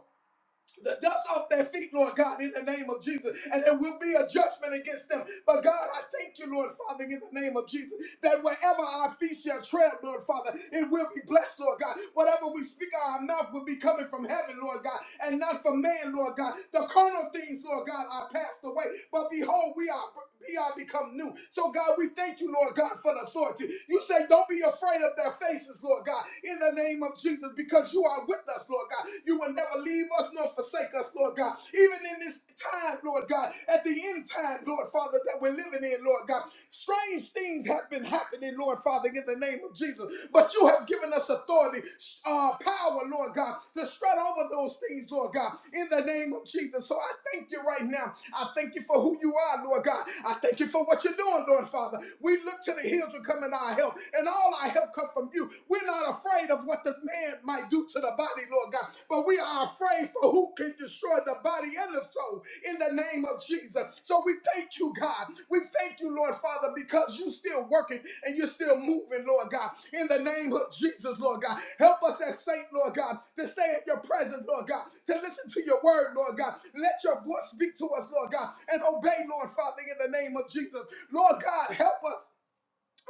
[SPEAKER 8] the dust off their feet, Lord God, in the name of Jesus. And there will be a judgment against them. But God, I thank you, Lord Father, in the name of Jesus, that wherever our feet shall tread, Lord Father, it will be blessed, Lord God. Whatever we speak out of our mouth will be coming from heaven, Lord God, and not from man, Lord God. The carnal things, Lord God, are passed away. But behold, we are we are become new. So God, we thank you, Lord God, for the authority. You say, don't be afraid of their faces, Lord God, in the name of Jesus, because you because you are with us, Lord God. You will never leave us nor forsake us, Lord God. Even in this time, Lord God, at the end time, Lord Father, that we're living in, Lord God, strange things have been happening, Lord Father, in the name of Jesus. But you have given us authority, uh, power, Lord God, to strut over those things, Lord God, in the name of Jesus. So I thank you right now. I thank you for who you are, Lord God. I thank you for what you're doing, Lord Father. We look to the hills to come in our help, and all our help comes from you. We're not afraid of what the man might do to the body, Lord God, but we are afraid for who can destroy the body and the soul in the name name of Jesus. So we thank you, God. We thank you, Lord Father, because you're still working and you're still moving, Lord God. In the name of Jesus, Lord God. Help us as saints, Lord God, to stay at your presence, Lord God, to listen to your word, Lord God. Let your voice speak to us, Lord God, and obey, Lord Father, in the name of Jesus. Lord God, help us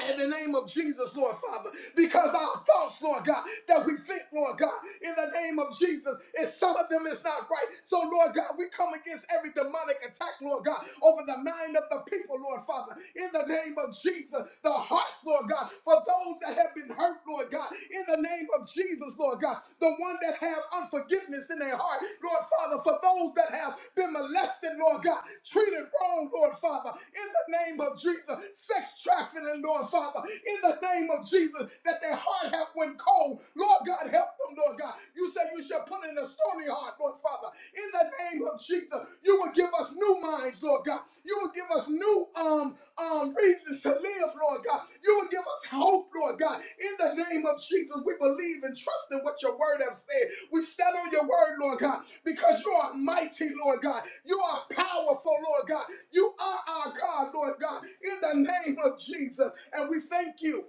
[SPEAKER 8] in the name of Jesus, Lord Father, because our thoughts, Lord God, that we think, Lord God, in the name of Jesus, and some of them is not right. So, Lord God, we come against every demonic attack, Lord God, over the mind of the people, Lord Father, in the name of Jesus, the hearts, Lord God, for those that have been hurt, Lord God, in the name of Jesus, Lord God, the one that have unforgiveness in their heart, Lord Father, for those that have been molested, Lord God, treated wrong, Lord Father, in the name of Jesus, sex trafficking, Lord Father, in the name of Jesus, that their heart have went cold, Lord God, help them, Lord God. You said you shall put in a stony heart, Lord Father, in the name of Jesus, you will give us new minds, Lord God. You will give us new um um reasons to live, Lord God. You will give us hope, Lord God. In the name of Jesus, we believe and trust in what your word has said. We stand on your word, Lord God, because you are mighty, Lord God. You are powerful, Lord God. You are our God, Lord God. In the name of Jesus, and we thank you.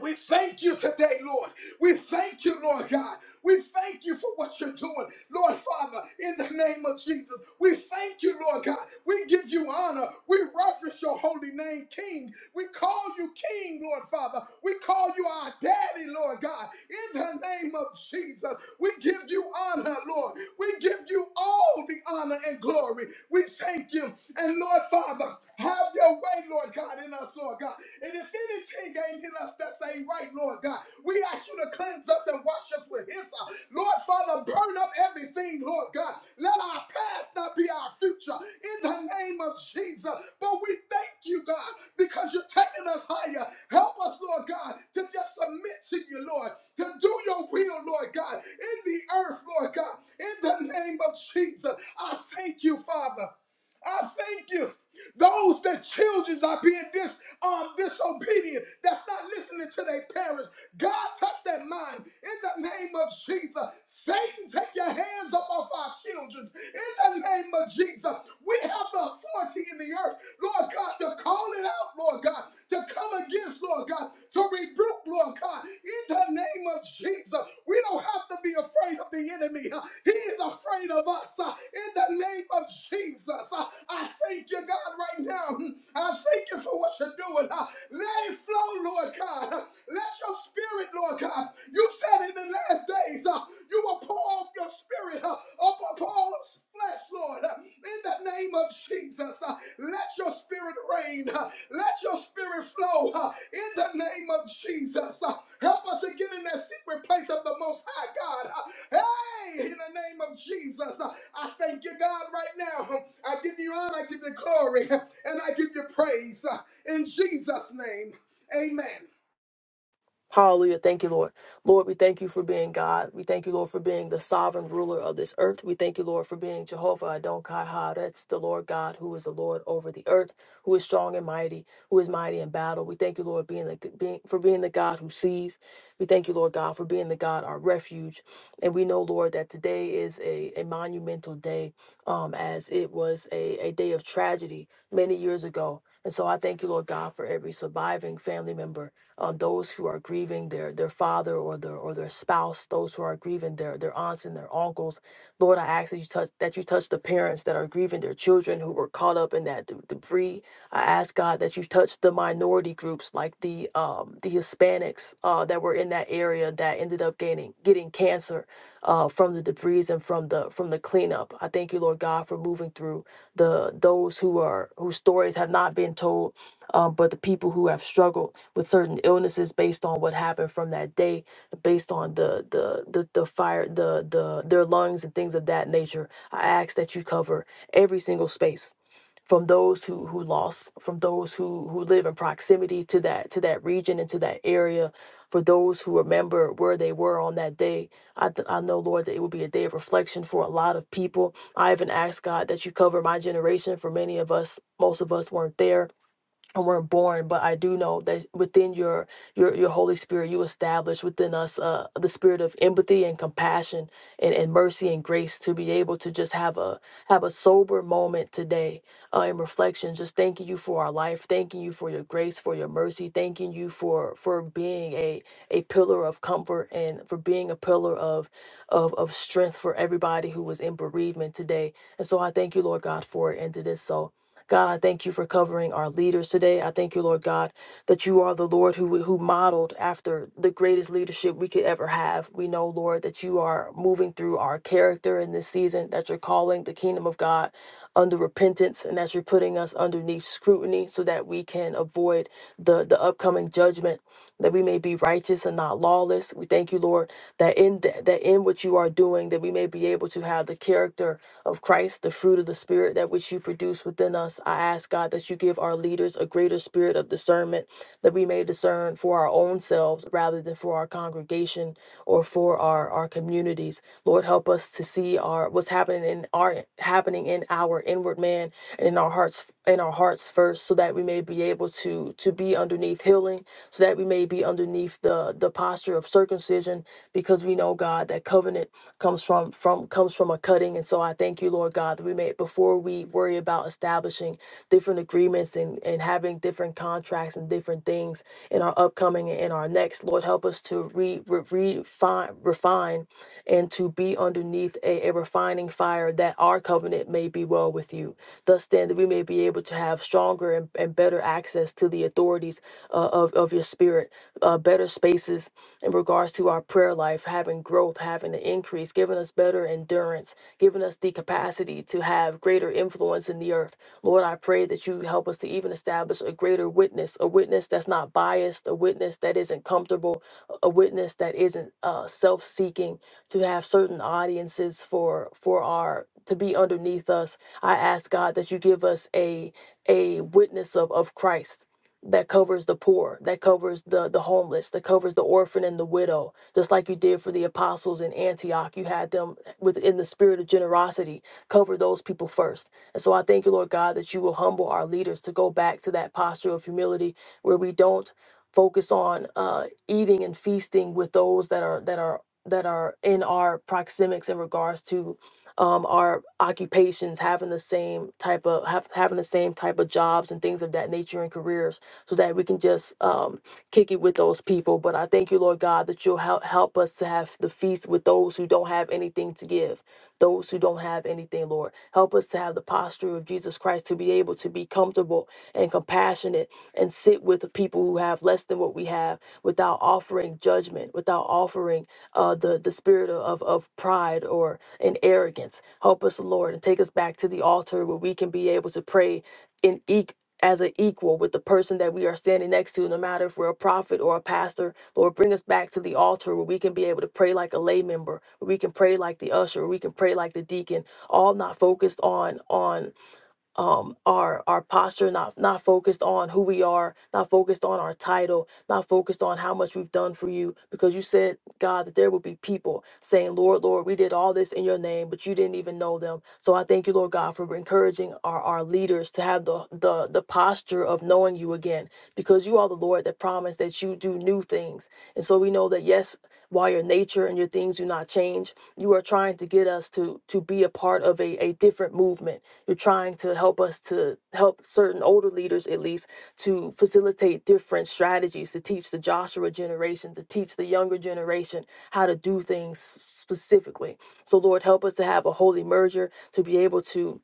[SPEAKER 8] We thank you today, Lord. We thank you, Lord God. We thank you for what you're doing, Lord Father, in the name of Jesus. We thank you, Lord God. We give you honor. We reference your holy name, King. We call you King, Lord Father. We call you our daddy, Lord God. In the name of Jesus, we give you honor, Lord. We give you all the honor and glory. We thank you. And Lord Father, have your way, Lord God, in us, Lord God. And if anything ain't in us that's ain't right, Lord God, we ask you to cleanse us and wash us with His. Lord Father, burn up everything, Lord God. Let our past not be our future in the name of Jesus. But we thank you, God, because you're taking us higher. Help us, Lord God, to just submit to you, Lord, to do your will, Lord God in the earth, Lord God. In the name of Jesus, I thank you, Father. I thank you. Those that children are being dis, um, disobedient, that's not listening to their parents. God, touch their mind in the name of Jesus. Satan, take your hands up off our children in the name of Jesus. We have the authority in the earth, Lord God, to call it out up, Lord God, to come against, Lord God, to rebuke, Lord God, in the name of Jesus. We don't have to be afraid of the enemy. huh? He is afraid of us huh? in the name of Jesus. huh? I thank you, God, right now. hmm. I thank you for what you're doing. huh? Let it flow, Lord God. huh? Let your spirit, Lord God. You said in the last days, huh, you will pour off your spirit spirit uh, up upon flesh, Lord, uh, in the name of Jesus. uh, Let your spirit reign. uh, Let your spirit flow uh, in the name of Jesus. uh, Help us to get in that secret place of the Most High God. uh, Hey, in the name of Jesus, uh, I thank you, God, right now. huh, I give you honor, I give you glory, huh, and I give you praise. uh, In Jesus' name, amen.
[SPEAKER 4] Hallelujah. Thank you, Lord. Lord, we thank you for being God. We thank you, Lord, for being the sovereign ruler of this earth. We thank you, Lord, for being Jehovah Adon Kai Ha. That's the Lord God who is the Lord over the earth, who is strong and mighty, who is mighty in battle. We thank you, Lord, being the being for being the God who sees. We thank you, Lord God, for being the God our refuge. And we know, Lord, that today is a, a monumental day, um, as it was a, a day of tragedy many years ago. And so I thank you, Lord God, for every surviving family member uh, those who are grieving their their father or their or their spouse, those who are grieving their their aunts and their uncles. Lord, I ask that you touch that you touch the parents that are grieving their children who were caught up in that d- debris. I ask God that you touch the minority groups like the um, the Hispanics uh, that were in that area that ended up getting getting cancer uh, from the debris and from the from the cleanup. I thank you, Lord God, for moving through the those who are whose stories have not been told um, but the people who have struggled with certain illnesses based on what happened from that day, based on the the the, the fire, the the their lungs and things of that nature, I ask that you cover every single space from those who who lost, from those who who live in proximity to that to that region and to that area, for those who remember where they were on that day. I th- I know, Lord, that it will be a day of reflection for a lot of people. I even ask God that you cover my generation. For many of us, most of us weren't there and weren't born but i do know that within your your your holy spirit you establish within us uh the spirit of empathy and compassion and, and mercy and grace to be able to just have a have a sober moment today uh, in reflection just thanking you for our life thanking you for your grace for your mercy thanking you for for being a a pillar of comfort and for being a pillar of of of strength for everybody who was in bereavement today and so i thank you lord god for it and to this so God, I thank you for covering our leaders today. I thank you, Lord God, that you are the Lord who who modeled after the greatest leadership we could ever have. We know, Lord, that you are moving through our character in this season, that you're calling the kingdom of God under repentance and that you're putting us underneath scrutiny so that we can avoid the the upcoming judgment, that we may be righteous and not lawless. We thank you, Lord, that in th- that in what you are doing, that we may be able to have the character of Christ, the fruit of the Spirit, that which you produce within us. I ask, God, that you give our leaders a greater spirit of discernment, that we may discern for our own selves rather than for our congregation or for our, our communities. Lord, help us to see our what's happening in our happening in our inward man and in our hearts in our hearts first, so that we may be able to to be underneath healing, so that we may be underneath the the posture of circumcision, because we know God that covenant comes from from comes from a cutting and so i thank you lord god that we may before we worry about establishing different agreements and and having different contracts and different things in our upcoming and in our next lord help us to re, re refine refine and to be underneath a, a refining fire that our covenant may be well with you thus then that we may be able to have stronger and, and better access to the authorities uh, of, of your spirit uh, better spaces in regards to our prayer life, having growth, having an increase, giving us better endurance, giving us the capacity to have greater influence in the earth. Lord, I pray that you help us to even establish a greater witness, a witness that's not biased, a witness that isn't comfortable, a witness that isn't uh, self-seeking, to have certain audiences for for our to be underneath us. I ask God that you give us a a witness of of Christ that covers the poor, that covers the the homeless, that covers the orphan and the widow, just like you did for the apostles in Antioch. You had them within the spirit of generosity, cover those people first. And so I thank you, Lord God, that you will humble our leaders to go back to that posture of humility where we don't focus on uh, eating and feasting with those that are that are that are in our proxemics in regards to um, our occupations having the same type of have, having the same type of jobs and things of that nature and careers so that we can just um, kick it with those people. But I thank you, Lord God, that you'll help, help us to have the feast with those who don't have anything to give, those who don't have anything, Lord. Help us to have the posture of Jesus Christ to be able to be comfortable and compassionate and sit with the people who have less than what we have without offering judgment, without offering uh, the, the spirit of, of pride or an arrogance. Help us, Lord, and take us back to the altar where we can be able to pray in e- as an equal with the person that we are standing next to, no matter if we're a prophet or a pastor. Lord, bring us back to the altar where we can be able to pray like a lay member, where we can pray like the usher, where we can pray like the deacon, all not focused on on um our our posture not not focused on who we are not focused on our title not focused on how much we've done for you because you said god that there will be people saying lord lord we did all this in your name but you didn't even know them so i thank you lord god for encouraging our our leaders to have the the the posture of knowing you again because you are the lord that promised that you do new things and so we know that yes while your nature and your things do not change you are trying to get us to to be a part of a, a different movement you're trying to help us to help certain older leaders, at least, to facilitate different strategies to teach the Joshua generation, to teach the younger generation how to do things specifically. So, Lord, help us to have a holy merger to be able to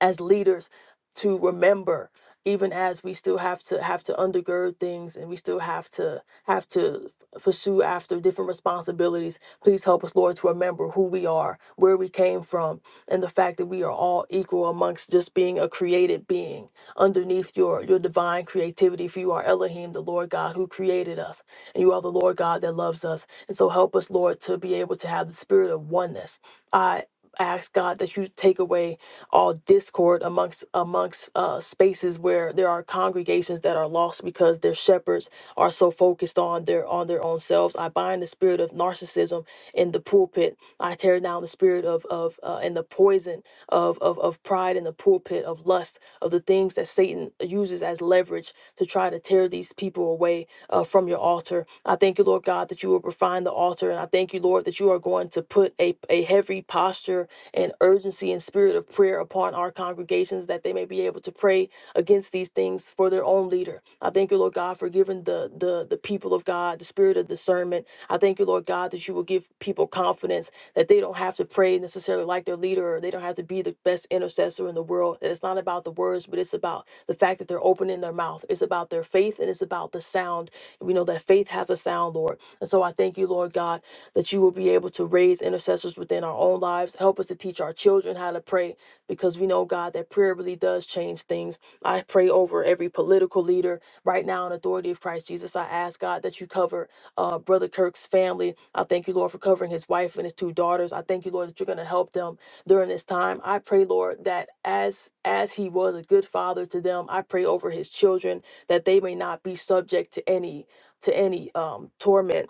[SPEAKER 4] as leaders to remember even as we still have to have to undergird things and we still have to have to pursue after different responsibilities please help us lord to remember who we are where we came from and the fact that we are all equal amongst just being a created being underneath your your divine creativity for you are elohim the lord god who created us and you are the lord god that loves us and so help us lord to be able to have the spirit of oneness I ask God that you take away all discord amongst amongst uh, spaces where there are congregations that are lost because their shepherds are so focused on their on their own selves. I bind the spirit of narcissism in the pulpit. I tear down the spirit of of uh, and the poison of, of of pride in the pulpit of lust of the things that Satan uses as leverage to try to tear these people away uh, from your altar. I thank you, Lord God, that you will refine the altar. And I thank you, Lord, that you are going to put a, a heavy posture and urgency and spirit of prayer upon our congregations that they may be able to pray against these things for their own leader. I thank you, Lord God, for giving the, the, the people of God the spirit of discernment. I thank you, Lord God, that you will give people confidence that they don't have to pray necessarily like their leader or they don't have to be the best intercessor in the world. That it's not about the words, but it's about the fact that they're opening their mouth. It's about their faith and it's about the sound we know that faith has a sound, Lord. And so I thank you, Lord God, that you will be able to raise intercessors within our own lives. Help us to teach our children how to pray because we know, God, that prayer really does change things. I pray over every political leader right now in authority of Christ Jesus. I ask, God, that you cover uh, Brother Kirk's family. I thank you, Lord, for covering his wife and his two daughters. I thank you, Lord, that you're going to help them during this time. I pray, Lord, that as as he was a good father to them, I pray over his children that they may not be subject to any to any um, torment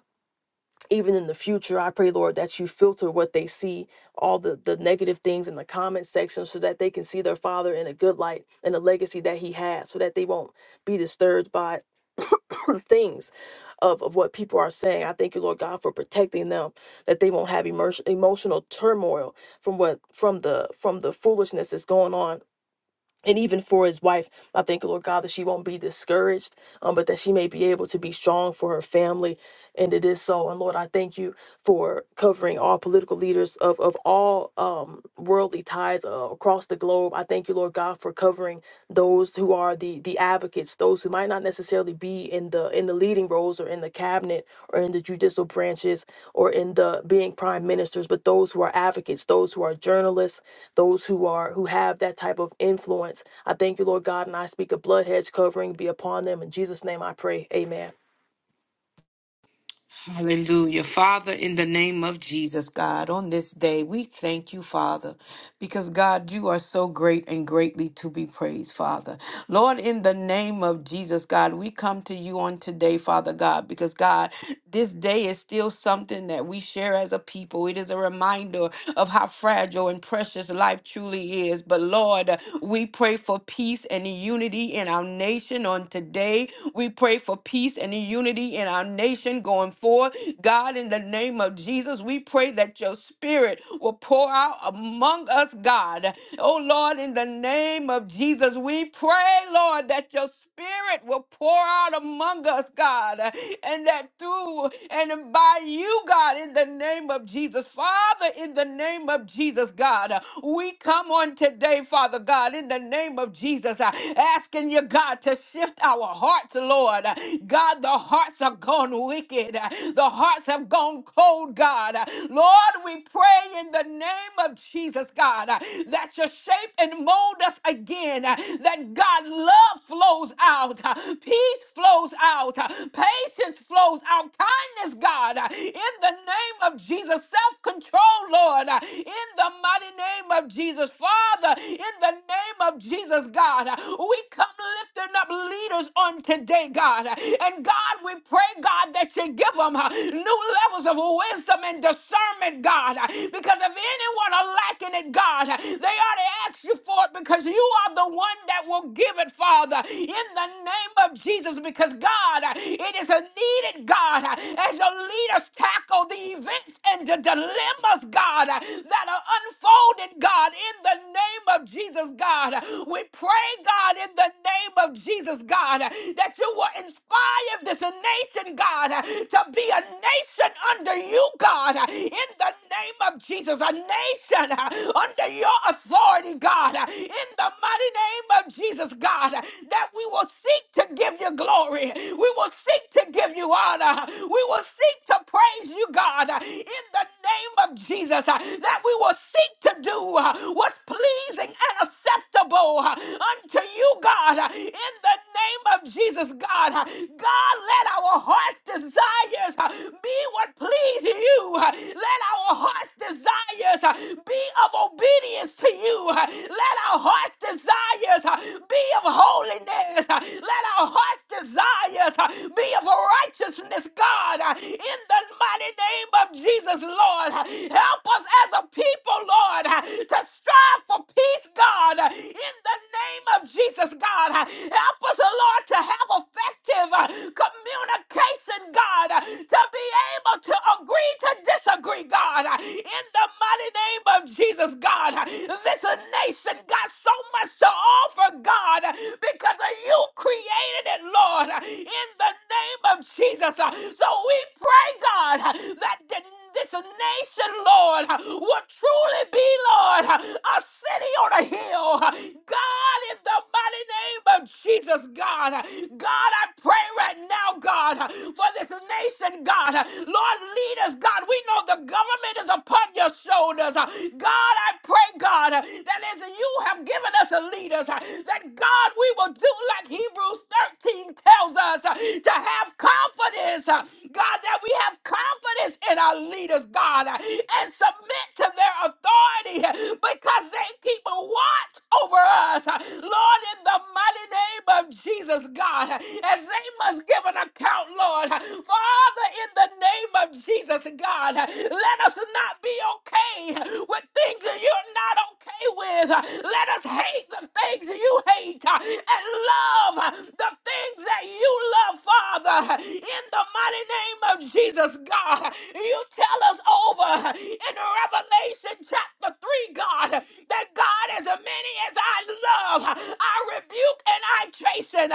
[SPEAKER 4] even in the future i pray lord that you filter what they see all the, the negative things in the comment section so that they can see their father in a good light and the legacy that he had so that they won't be disturbed by things of, of what people are saying i thank you lord god for protecting them that they won't have emotion, emotional turmoil from what from the from the foolishness that's going on and even for his wife, I thank you, Lord God, that she won't be discouraged, um, but that she may be able to be strong for her family. And it is so. And Lord, I thank you for covering all political leaders of, of all um, worldly ties uh, across the globe. I thank you, Lord God, for covering those who are the the advocates, those who might not necessarily be in the in the leading roles or in the cabinet or in the judicial branches or in the being prime ministers, but those who are advocates, those who are journalists, those who are who have that type of influence. I thank you, Lord God, and I speak a blood hedge covering be upon them. In Jesus' name I pray. Amen.
[SPEAKER 3] Hallelujah. Father, in the name of Jesus, God, on this day, we thank you, Father, because God, you are so great and greatly to be praised, Father. Lord, in the name of Jesus, God, we come to you on today, Father God, because God, this day is still something that we share as a people. It is a reminder of how fragile and precious life truly is. But Lord, we pray for peace and unity in our nation on today. We pray for peace and unity in our nation going before. God, in the name of Jesus, we pray that your spirit will pour out among us, God. Oh, Lord, in the name of Jesus, we pray, Lord, that your Spirit will pour out among us, God, and that through and by you, God, in the name of Jesus. Father, in the name of Jesus, God, we come on today, Father God, in the name of Jesus, uh, asking you, God, to shift our hearts, Lord. God, the hearts are gone wicked dead. The hearts have gone cold, God. Lord, we pray in the name of Jesus, God, that you shape and mold us again, that God, love flows out, peace flows out, patience flows out, kindness, God, in the name of Jesus, self control, Lord, in the mighty name of Jesus, Father, in the name of Jesus, God, we come lifting up leaders on today, God, and God, we pray, God, that you and give them new levels of wisdom and discernment, God. uh, Because if anyone are lacking it, God, uh, they ought to ask you for it because you are the one that will give it, Father, in the name of Jesus. Because, God, uh, it is a needed, God, uh, as your leaders tackle the events and the dilemmas, God, uh, that are unfolding, God, in the name of Jesus, God. We pray, God, in the name of Jesus, God, that you will inspire this nation, God, uh, to be a nation under you, God, uh, in the name of Jesus, a nation uh, under your authority, God, uh, in the mighty name of Jesus, God, uh, that we will seek to give you glory. We will seek to give you honor. We will seek to praise you, God, uh, in the name of Jesus, uh, that we will seek to do uh, what's pleasing and acceptable uh, unto you, God, uh, in the name of Jesus, God. uh, God, let our hearts desires uh, be what please you. Uh, Let our heart's desires uh, be of obedience to you. Uh, Let our heart's desires uh, be of holiness. Uh, Let our heart's desires uh, be of righteousness, God. Uh, In the mighty name of Jesus, Lord, uh, help us as a people, Lord, uh, to strive for peace, God. Uh, In the name of Jesus, God, uh, help us, uh, Lord, to have effective uh, communication women, God, uh, to be able to agree to disagree, God, uh, in the mighty name of Jesus, God. Uh, This nation got so much to offer, God, uh, because of you created it, Lord, uh, in the name of Jesus. Uh, So we pray, God, uh, that the this nation, Lord, will truly be, Lord, a city on a hill. God, in the mighty name of Jesus, God, God, I pray right now, God, for this nation, God. Lord, lead us, God. We know the government is upon your shoulders. God, I pray, God, that as you have given us a leaders, that God, we will do like Hebrews 13 tells us to have confidence, God, that we have confidence in our leaders, God, and submit to their authority because they keep a watch over us. Lord, in the mighty name of Jesus, God, as they must give an account, Lord. Lord. Father, in the name of Jesus, God, let us not be okay with things that you're not okay with. Let us hate the things that you hate and love the things that you love, Father. In the mighty name of Jesus, God, you tell us over in Revelation chapter 3, God, that God, as many as I love, I rebuke and I chasten.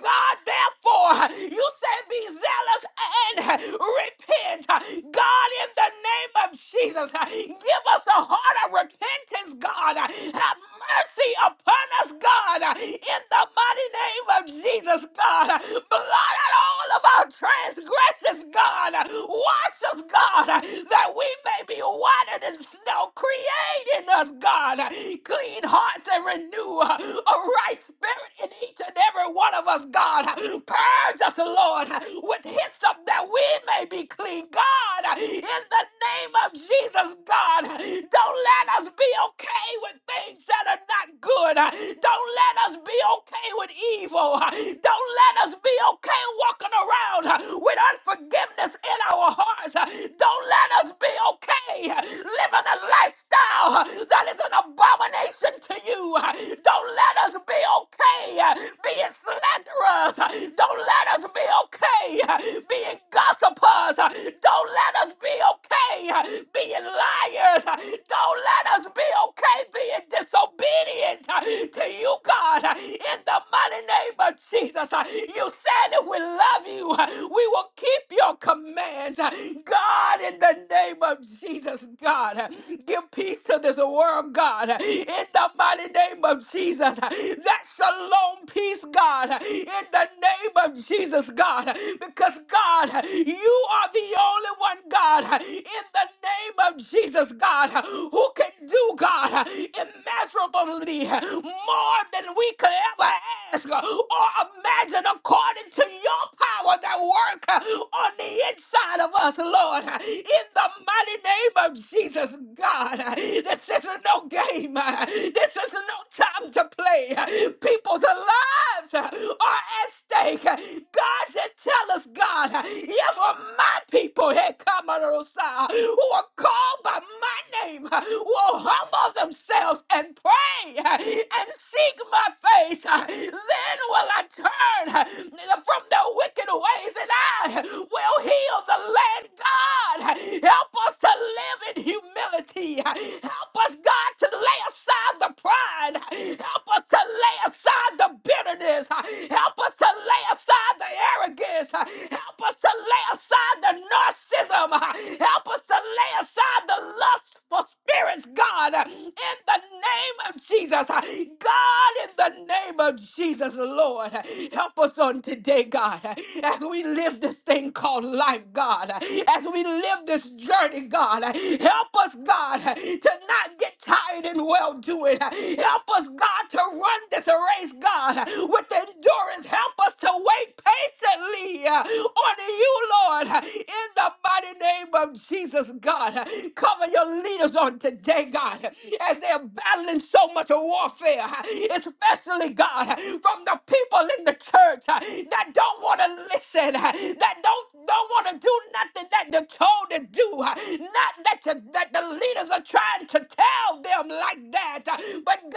[SPEAKER 3] God, therefore, you say, be be zealous and repent. God, in the name of Jesus, give us a heart of repentance, God. Have mercy upon us, God, in the mighty name of Jesus, God. Blot out all of our transgressions, us, God. Wash us, God, that we may be whiter than snow. Create in us, God, clean hearts and renew a right spirit in each and every one of us, God. Purge us, Lord, with hyssop that we may be clean, God. In the name of Jesus, God, don't let us be okay with things that are not good. Don't let us be okay with evil. Don't let us be okay walking around uh, with unforgiveness in our hearts. Uh, Don't let us be okay uh, living a lifestyle uh, that is an abomination to you. Uh, Don't let us be okay uh, being slanderers. Uh, Don't let us be okay uh, being gossipers. Uh, Don't let us be okay uh, being liars. Uh, Don't let us be okay being disobedient uh, to you, God, uh, in the mighty name of Jesus. Jesus. Uh, You said that we love you. Uh, We will keep your commands. Uh, God, in the name of Jesus, God, uh, give peace to this world, God, uh, in the mighty name of Jesus. Uh, That shalom peace, God, uh, in the name of Jesus, God, uh, because God, uh, you are the only one, God, uh, in the name of Jesus, God, uh, who can do, God, uh, immeasurably uh, more than we could could ever ask uh, or imagine according to your power that work uh, on the inside of us, Lord. Uh, In the mighty name of Jesus, God, uh, this is no game. uh, This is no time to play. Uh, People's lives uh, are at stake. Uh, God, just tell us, God, uh, if uh, my people here come on the side who are called by my name uh, will humble themselves and pray and seek my face. uh, Then will I turn uh, from the wicked ways and I will heal the land. God, help us to live in humility. Help us, God, to lay aside the pride. Help us to lay aside the bitterness. Help us to lay aside the arrogance. Help us to lay aside the narcissism. Help us to lay aside the lust for spirits, God in the name of Jesus. God, in the name of Jesus, Lord, help us on today, God, as we live this thing called life, God, as we live this journey, God, help us, God, to not get tired in well doing. Help us, God, to run this race, God, with endurance. Help us to wait patiently on you, Lord, in the mighty name of Jesus, God. Cover your leaders on today, God, as they're battling so much warfare, especially, God, from the people in the church that don't want to listen, that don't don't want to do nothing that they're told to do. Not that, you, that the leaders are trying to tell them like that. But God,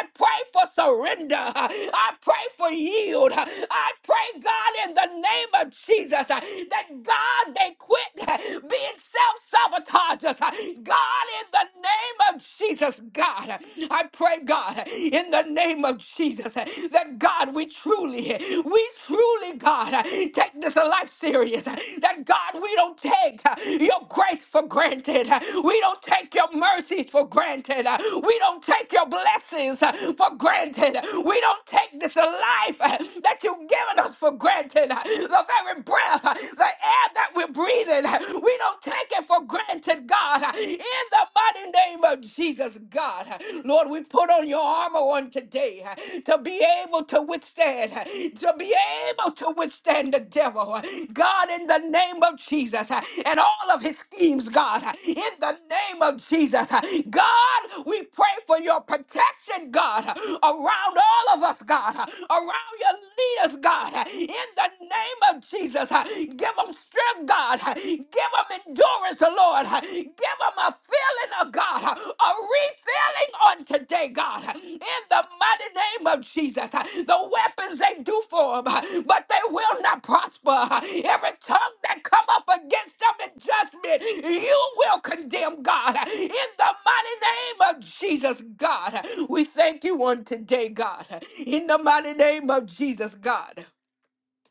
[SPEAKER 3] I pray for surrender. I pray for yield. I pray, God, in the name of Jesus, that God, they quit being self sabotagers. God, in the name of Jesus, God, I pray, God, in the name of Jesus, that God, we truly, we truly, God, take this life serious. That God, we don't take your grace for granted. We don't take your mercies for granted. We don't take your blessings for granted. We don't take this life that you've given us for granted. The very breath, the air that we're breathing. We don't take it for granted, God. In the mighty name of Jesus, God. Lord, we put on your armor on today to be able to withstand, to be able to withstand the devil. God, in the name of Jesus and all of his schemes, God. In the name of Jesus, God, we pray for your protection, God, around all of us, God, around your leaders, God. In the the name of Jesus. Uh, Give them strength, God. Uh, Give them endurance, Lord. Uh, Give them a feeling of God, uh, a refilling on today, God. Uh, In the mighty name of Jesus. Uh, The weapons they do for them, uh, but they will not prosper. Uh, Every tongue that come up against them in judgment, you will condemn, God. Uh, In the mighty name of Jesus, God. Uh, We thank you on today, God. Uh, In the mighty name of Jesus, God.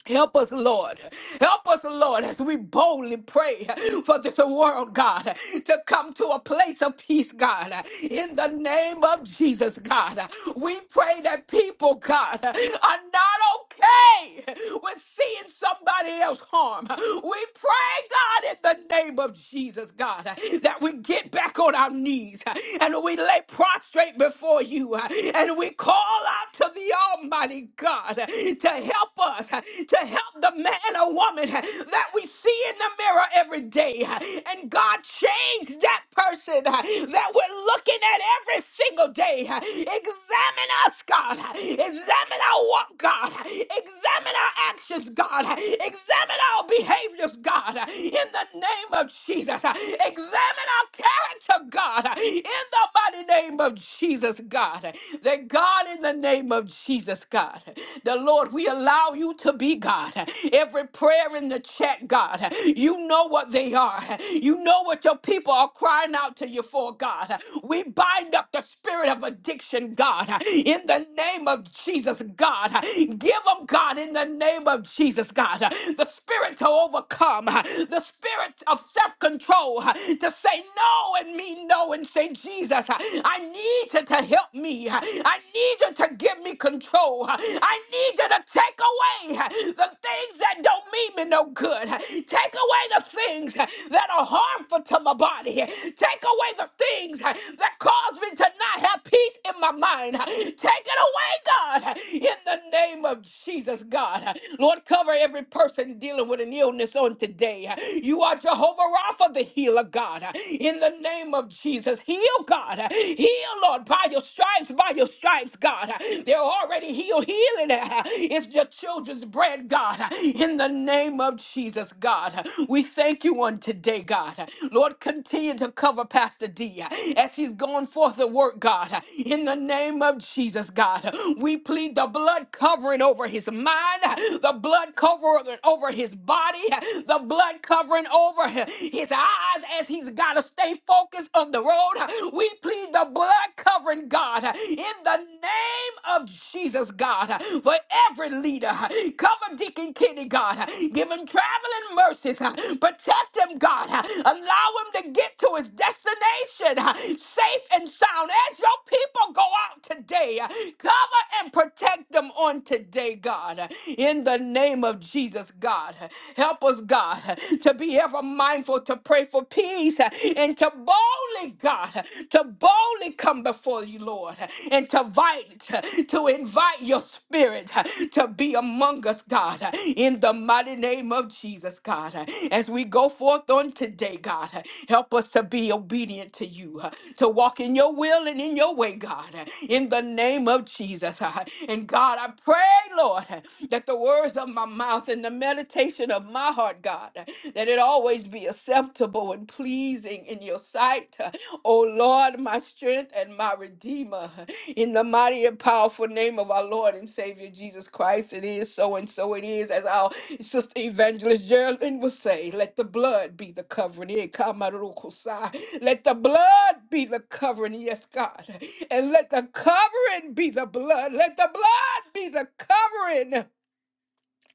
[SPEAKER 3] Help us, Lord. Help us, Lord, as we boldly pray for this world, God, to come to a place of peace, God. In the name of Jesus, God, we pray that people, God, are not okay with seeing somebody else harm. We pray, God, in the name of Jesus, God, that we get back on our knees and we lay prostrate before you and we call out to the Almighty God. God, to help us, to help the man or woman that we see in the mirror every day. And God, change that person that we're looking at every single day. Examine us, God. Examine our walk, God. Examine our actions, God. Examine our behaviors, God. In the name of Jesus. Examine our character, God. In the mighty name of Jesus, God. That God. God, in the name of Jesus, God, the Lord, we allow you to be God. Every prayer in the chat, God, you know what they are. You know what your people are crying out to you for, God. We bind up the spirit of addiction, God, in the name of Jesus, God. Give them, God, in the name of Jesus, God, the spirit to overcome, the spirit of self control, to say no and mean no and say, Jesus, I need need you to help me. I need you to give me control. I need you to take away the things that don't mean me no good. Take away the things that are harmful to my body. Take away the things that cause me to not have peace in my mind. Take it away, God, in the name of Jesus, God. Lord, cover every person dealing with an illness on today. You are Jehovah Rapha, the healer, God, in the name of Jesus. Jesus. Heal, God. Heal, Lord, by your stripes, by your stripes, God. They're already healed. Healing uh, is your children's bread, God. In the name of Jesus, God. We thank you on today, God. Lord, continue to cover Pastor D uh, as he's going forth to work, God. In the name of Jesus, God. We plead the blood covering over his mind, the blood covering over his body, the blood covering over his eyes as he's got to stay focused on the road. We plead the blood covering, God, in the name of Jesus, God, for every leader. Cover Deacon Kenny, God. Give him traveling mercies. Protect him, God. Allow him to get to his destination safe and sound. As your people go out today, cover and protect them on today, God. In the name of Jesus, God. Help us, God, to be ever mindful to pray for peace uh, and to boldly, God, uh, to boldly come before you, Lord, uh, and to invite, uh, to invite your spirit uh, to be among us, God, uh, in the mighty name of Jesus, God. Uh, As we go forth on today, God, uh, help us to be obedient to you, uh, to walk in your will and in your way, God, uh, in the name of Jesus. uh, And God, I pray, Lord, uh, that the words of my mouth and the meditation meditation of my heart, God, that it always be acceptable and pleasing in your sight. O Lord, my strength and my redeemer. In the mighty and powerful name of our Lord and Savior Jesus Christ, it is so and so it is. As our sister evangelist Geraldine would say, let the blood be the covering. Eh, kamarukusai. Let the blood be the covering. Yes, God. And let the covering be the blood. Let the blood be the covering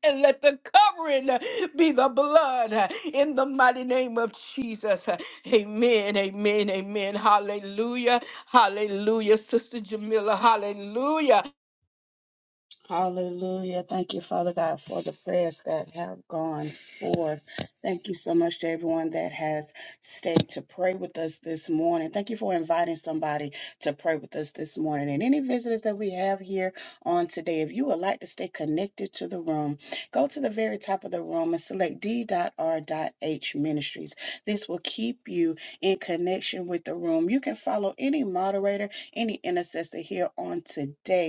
[SPEAKER 3] and let the covering uh, be the blood uh, in the mighty name of Jesus. Uh, Amen, amen, amen. Hallelujah, hallelujah, Sister Jamila, hallelujah.
[SPEAKER 1] Hallelujah. Thank you, Father God, for the prayers that have gone forth. Thank you so much to everyone that has stayed to pray with us this morning. Thank you for inviting somebody to pray with us this morning. And any visitors that we have here on today, if you would like to stay connected to the room, go to the very top of the room and select D.R.H Ministries. This will keep you in connection with the room. You can follow any moderator, any intercessor here on today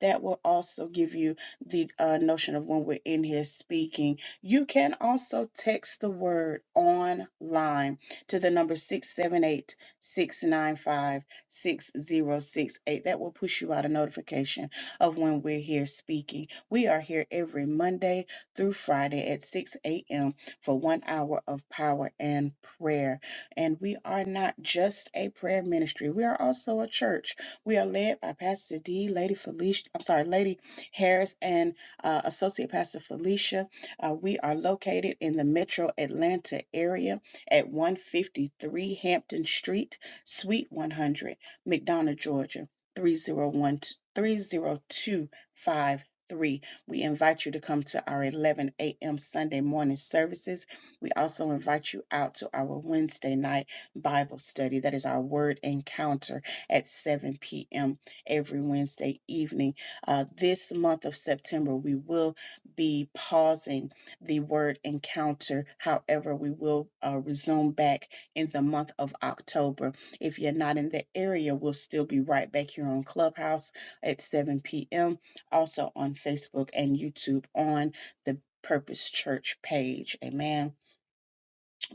[SPEAKER 1] that will also give you the uh, notion of when we're in here speaking. You can also text the word online to the number 678 695 6068. That will push you out a notification of when we're here speaking. We are here every Monday through Friday at 6 a.m. for one hour of power and prayer. And we are not just a prayer ministry, we are also a church. We are led by Pastor D, Lady Felicia, I'm sorry, Lady Harris, and uh, Associate Pastor Felicia. Uh, we are located in the Metro Atlanta area at 153 Hampton Street, Suite 100, McDonough, Georgia, 301 30253. We invite you to come to our 11 a.m. Sunday morning services. We also invite you out to our Wednesday night Bible study. That is our word encounter at 7 p.m. every Wednesday evening. Uh, this month of September, we will be pausing the word encounter. However, we will uh, resume back in the month of October. If you're not in the area, we'll still be right back here on Clubhouse at 7 p.m., also on Facebook and YouTube on the Purpose Church page. Amen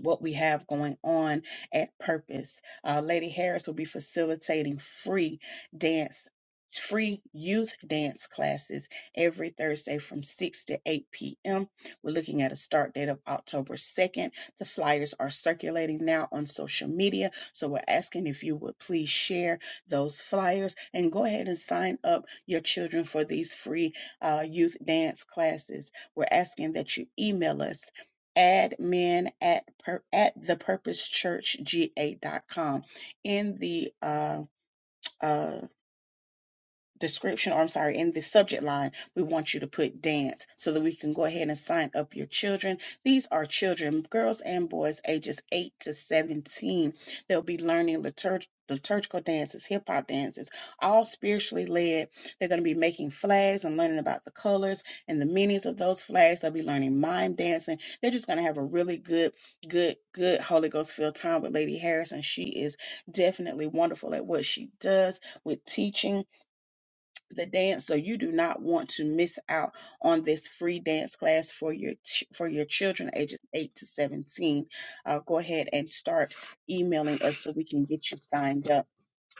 [SPEAKER 1] what we have going on at Purpose. Uh, Lady Harris will be facilitating free dance. Free youth dance classes every Thursday from 6 to 8 p.m. We're looking at a start date of October 2nd. The flyers are circulating now on social media, so we're asking if you would please share those flyers and go ahead and sign up your children for these free uh, youth dance classes. We're asking that you email us admin at per, at thepurposechurchga.com in the uh, uh, description or I'm sorry, in the subject line, we want you to put dance so that we can go ahead and sign up your children. These are children, girls and boys, ages 8 to 17. They'll be learning liturg- liturgical dances, hip hop dances, all spiritually led. They're going to be making flags and learning about the colors and the meanings of those flags. They'll be learning mime dancing. They're just going to have a really good, good, good Holy Ghost filled time with Lady Harrison. She is definitely wonderful at what she does with teaching the dance so you do not want to miss out on this free dance class for your ch- for your children ages 8 to 17 uh, go ahead and start emailing us so we can get you signed up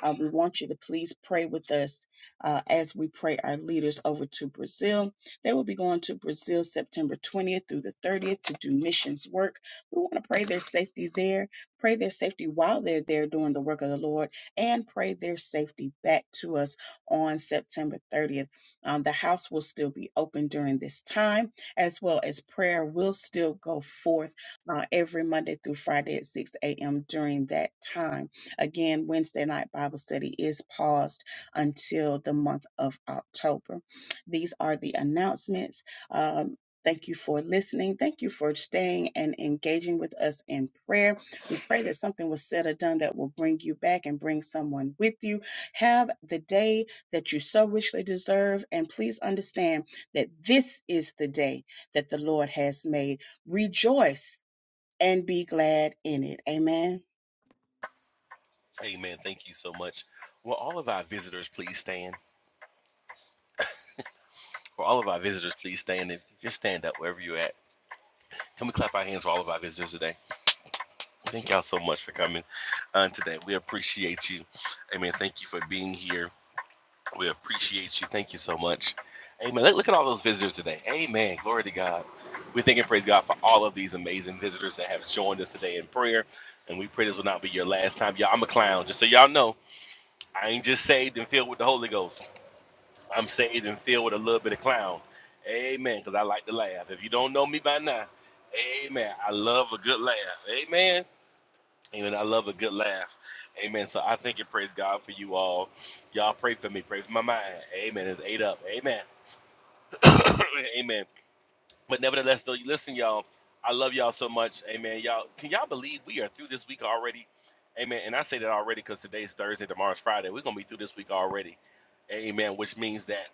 [SPEAKER 1] uh, we want you to please pray with us uh, as we pray our leaders over to Brazil. They will be going to Brazil September 20th through the 30th to do missions work. We want to pray their safety there, pray their safety while they're there doing the work of the Lord, and pray their safety back to us on September 30th. Um, the house will still be open during this time, as well as prayer will still go forth uh, every Monday through Friday at 6 a.m. during that time. Again, Wednesday night Bible study is paused until the month of October. These are the announcements. Um, Thank you for listening. Thank you for staying and engaging with us in prayer. We pray that something was said or done that will bring you back and bring someone with you. Have the day that you so richly deserve. And please understand that this is the day that the Lord has made. Rejoice and be glad in it. Amen.
[SPEAKER 6] Amen. Thank you so much. Will all of our visitors please stand? For all of our visitors, please stand. Just stand up wherever you're at. Can we clap our hands for all of our visitors today? Thank y'all so much for coming on today. We appreciate you. Amen. Thank you for being here. We appreciate you. Thank you so much. Amen. Look, look at all those visitors today. Amen. Glory to God. We thank and praise God for all of these amazing visitors that have joined us today in prayer. And we pray this will not be your last time. Y'all, I'm a clown. Just so y'all know, I ain't just saved and filled with the Holy Ghost. I'm saved and filled with a little bit of clown. Amen. Because I like to laugh. If you don't know me by now, amen. I love a good laugh. Amen. Amen. I love a good laugh. Amen. So I thank and praise God for you all. Y'all pray for me. Pray for my mind. Amen. It's eight up. Amen. amen. But nevertheless, though, listen, y'all. I love y'all so much. Amen. Y'all, can y'all believe we are through this week already? Amen. And I say that already because today's Thursday, tomorrow's Friday. We're going to be through this week already. Amen. Which means that.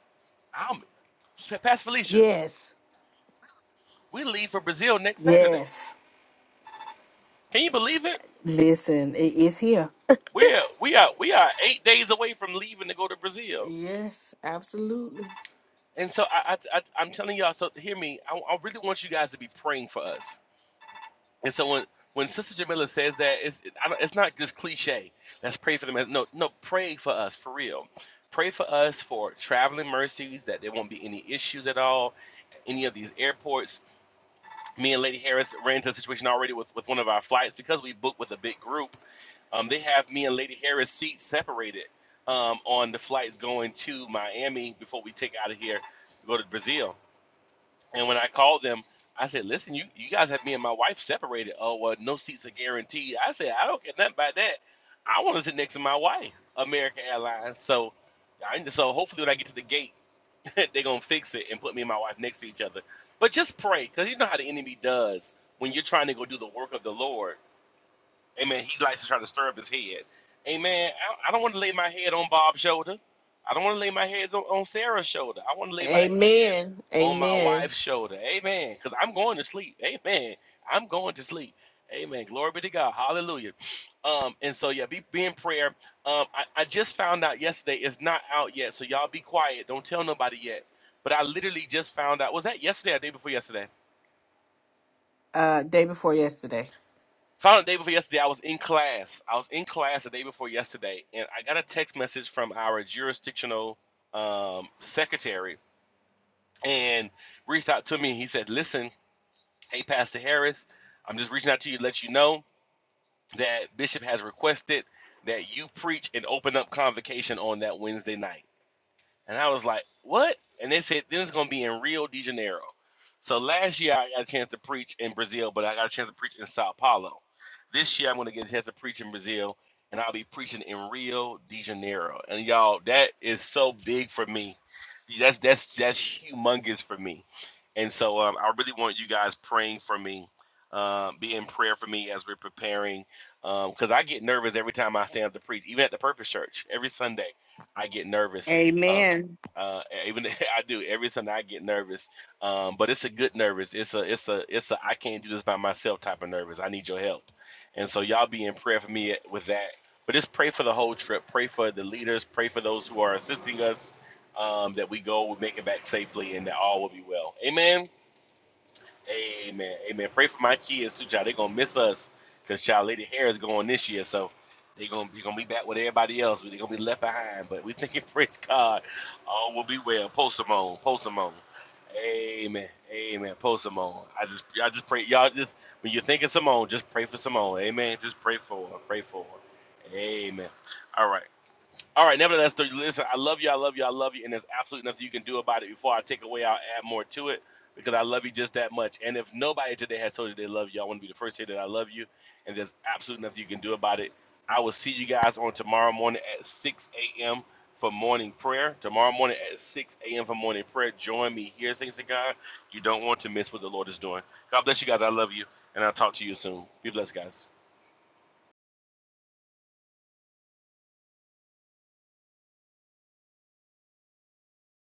[SPEAKER 6] I'm. Past Felicia,
[SPEAKER 3] Yes,
[SPEAKER 6] we leave for Brazil next Saturday.
[SPEAKER 3] Yes.
[SPEAKER 6] Can you believe it?
[SPEAKER 3] Listen, it is here.
[SPEAKER 6] We're we are we are eight days away from leaving to go to Brazil.
[SPEAKER 3] yes, absolutely.
[SPEAKER 6] And so I, I, I am telling y'all. So hear me. I, I really want you guys to be praying for us. And so when when Sister Jamila says that, it's it, I don't- it's not just cliche. Let's pray for them. No no, pray for us for real. Pray for us for traveling mercies that there won't be any issues at all. Any of these airports. Me and Lady Harris ran into a situation already with with one of our flights because we booked with a big group Um, they have me and Lady Harris seats separated um, on the flights going to Miami before we take out of here to go to Brazil. And when I called them, I said, "Listen, you you guys have me and my wife separated. Oh, well, no seats are guaranteed." I said, "I don't care nothing about that. I want to sit next to my wife, American Airlines." So, I, so hopefully when I get to the gate, they're gonna fix it and put me and my wife next to each other. But just pray, cause you know how the enemy does when you're trying to go do the work of the Lord Amen. He likes to try to stir up his head. Amen. I, I don't want to lay my head on Bob's shoulder. I don't want to lay my head on, on Sarah's shoulder. I want to lay my head
[SPEAKER 3] Amen,
[SPEAKER 6] on my
[SPEAKER 3] amen.
[SPEAKER 6] wife's shoulder. Amen. Because I'm going to sleep. Amen. I'm going to sleep. Amen. Glory be to God. Hallelujah. Um, and so yeah, be, be in prayer. Um, I, I just found out yesterday. It's not out yet, so y'all be quiet. Don't tell nobody yet. But I literally just found out. Was that yesterday or the day before yesterday?
[SPEAKER 3] Uh, day before yesterday.
[SPEAKER 6] Found out the day before yesterday, I was in class. I was in class the day before yesterday, and I got a text message from our jurisdictional um, secretary and reached out to me. He said, Listen, hey, Pastor Harris, I'm just reaching out to you to let you know that Bishop has requested that you preach and open up convocation on that Wednesday night. And I was like, what? And they said, then it's going to be in Rio de Janeiro. So last year I got a chance to preach in Brazil, but I got a chance to preach in Sao Paulo. This year I'm going to get a chance to preach in Brazil, and I'll be preaching in Rio de Janeiro. And y'all, that is so big for me. That's that's that's humongous for me. And so um, I really want you guys praying for me, uh, be in prayer for me as we're preparing, because I get nervous every time I stand up to preach, even at the Purpose Church every Sunday. I get nervous uh,
[SPEAKER 3] Amen.
[SPEAKER 6] uh, even I do every time I get nervous, um, but it's a good nervous. It's a it's a it's a I can't do this by myself type of nervous. I need your help, and so y'all be in prayer for me with that. But just pray for the whole trip. Pray for the leaders. Pray for those who are assisting us. Um, that we go, we make it back safely, and that all will be well. Amen. Amen. Amen. Pray for my kids too, child. They're gonna miss us because child Lady Harris going this year, so they're gonna be gonna be back with everybody else. They're gonna be left behind. But we thinking, praise God, all will be well. Post Simone, post Simone. Amen. Amen. Post Simone. I just I just pray y'all just when you're thinking Simone, just pray for Simone. Amen. Just pray for her. Pray for her. Amen. All right. All right, nevertheless, listen, I love you, I love you, I love you, and there's absolutely nothing you can do about it before I take away, I'll add more to it because I love you just that much. And if nobody today has told you they love you, I want to be the first to say that I love you, and there's absolutely nothing you can do about it. I will see you guys on tomorrow morning at 6 a.m. for morning prayer. Tomorrow morning at 6 a.m. for morning prayer. Join me here, thanks to God. You don't want to miss what the Lord is doing. God bless you guys. I love you, and I'll talk to you soon. Be blessed, guys.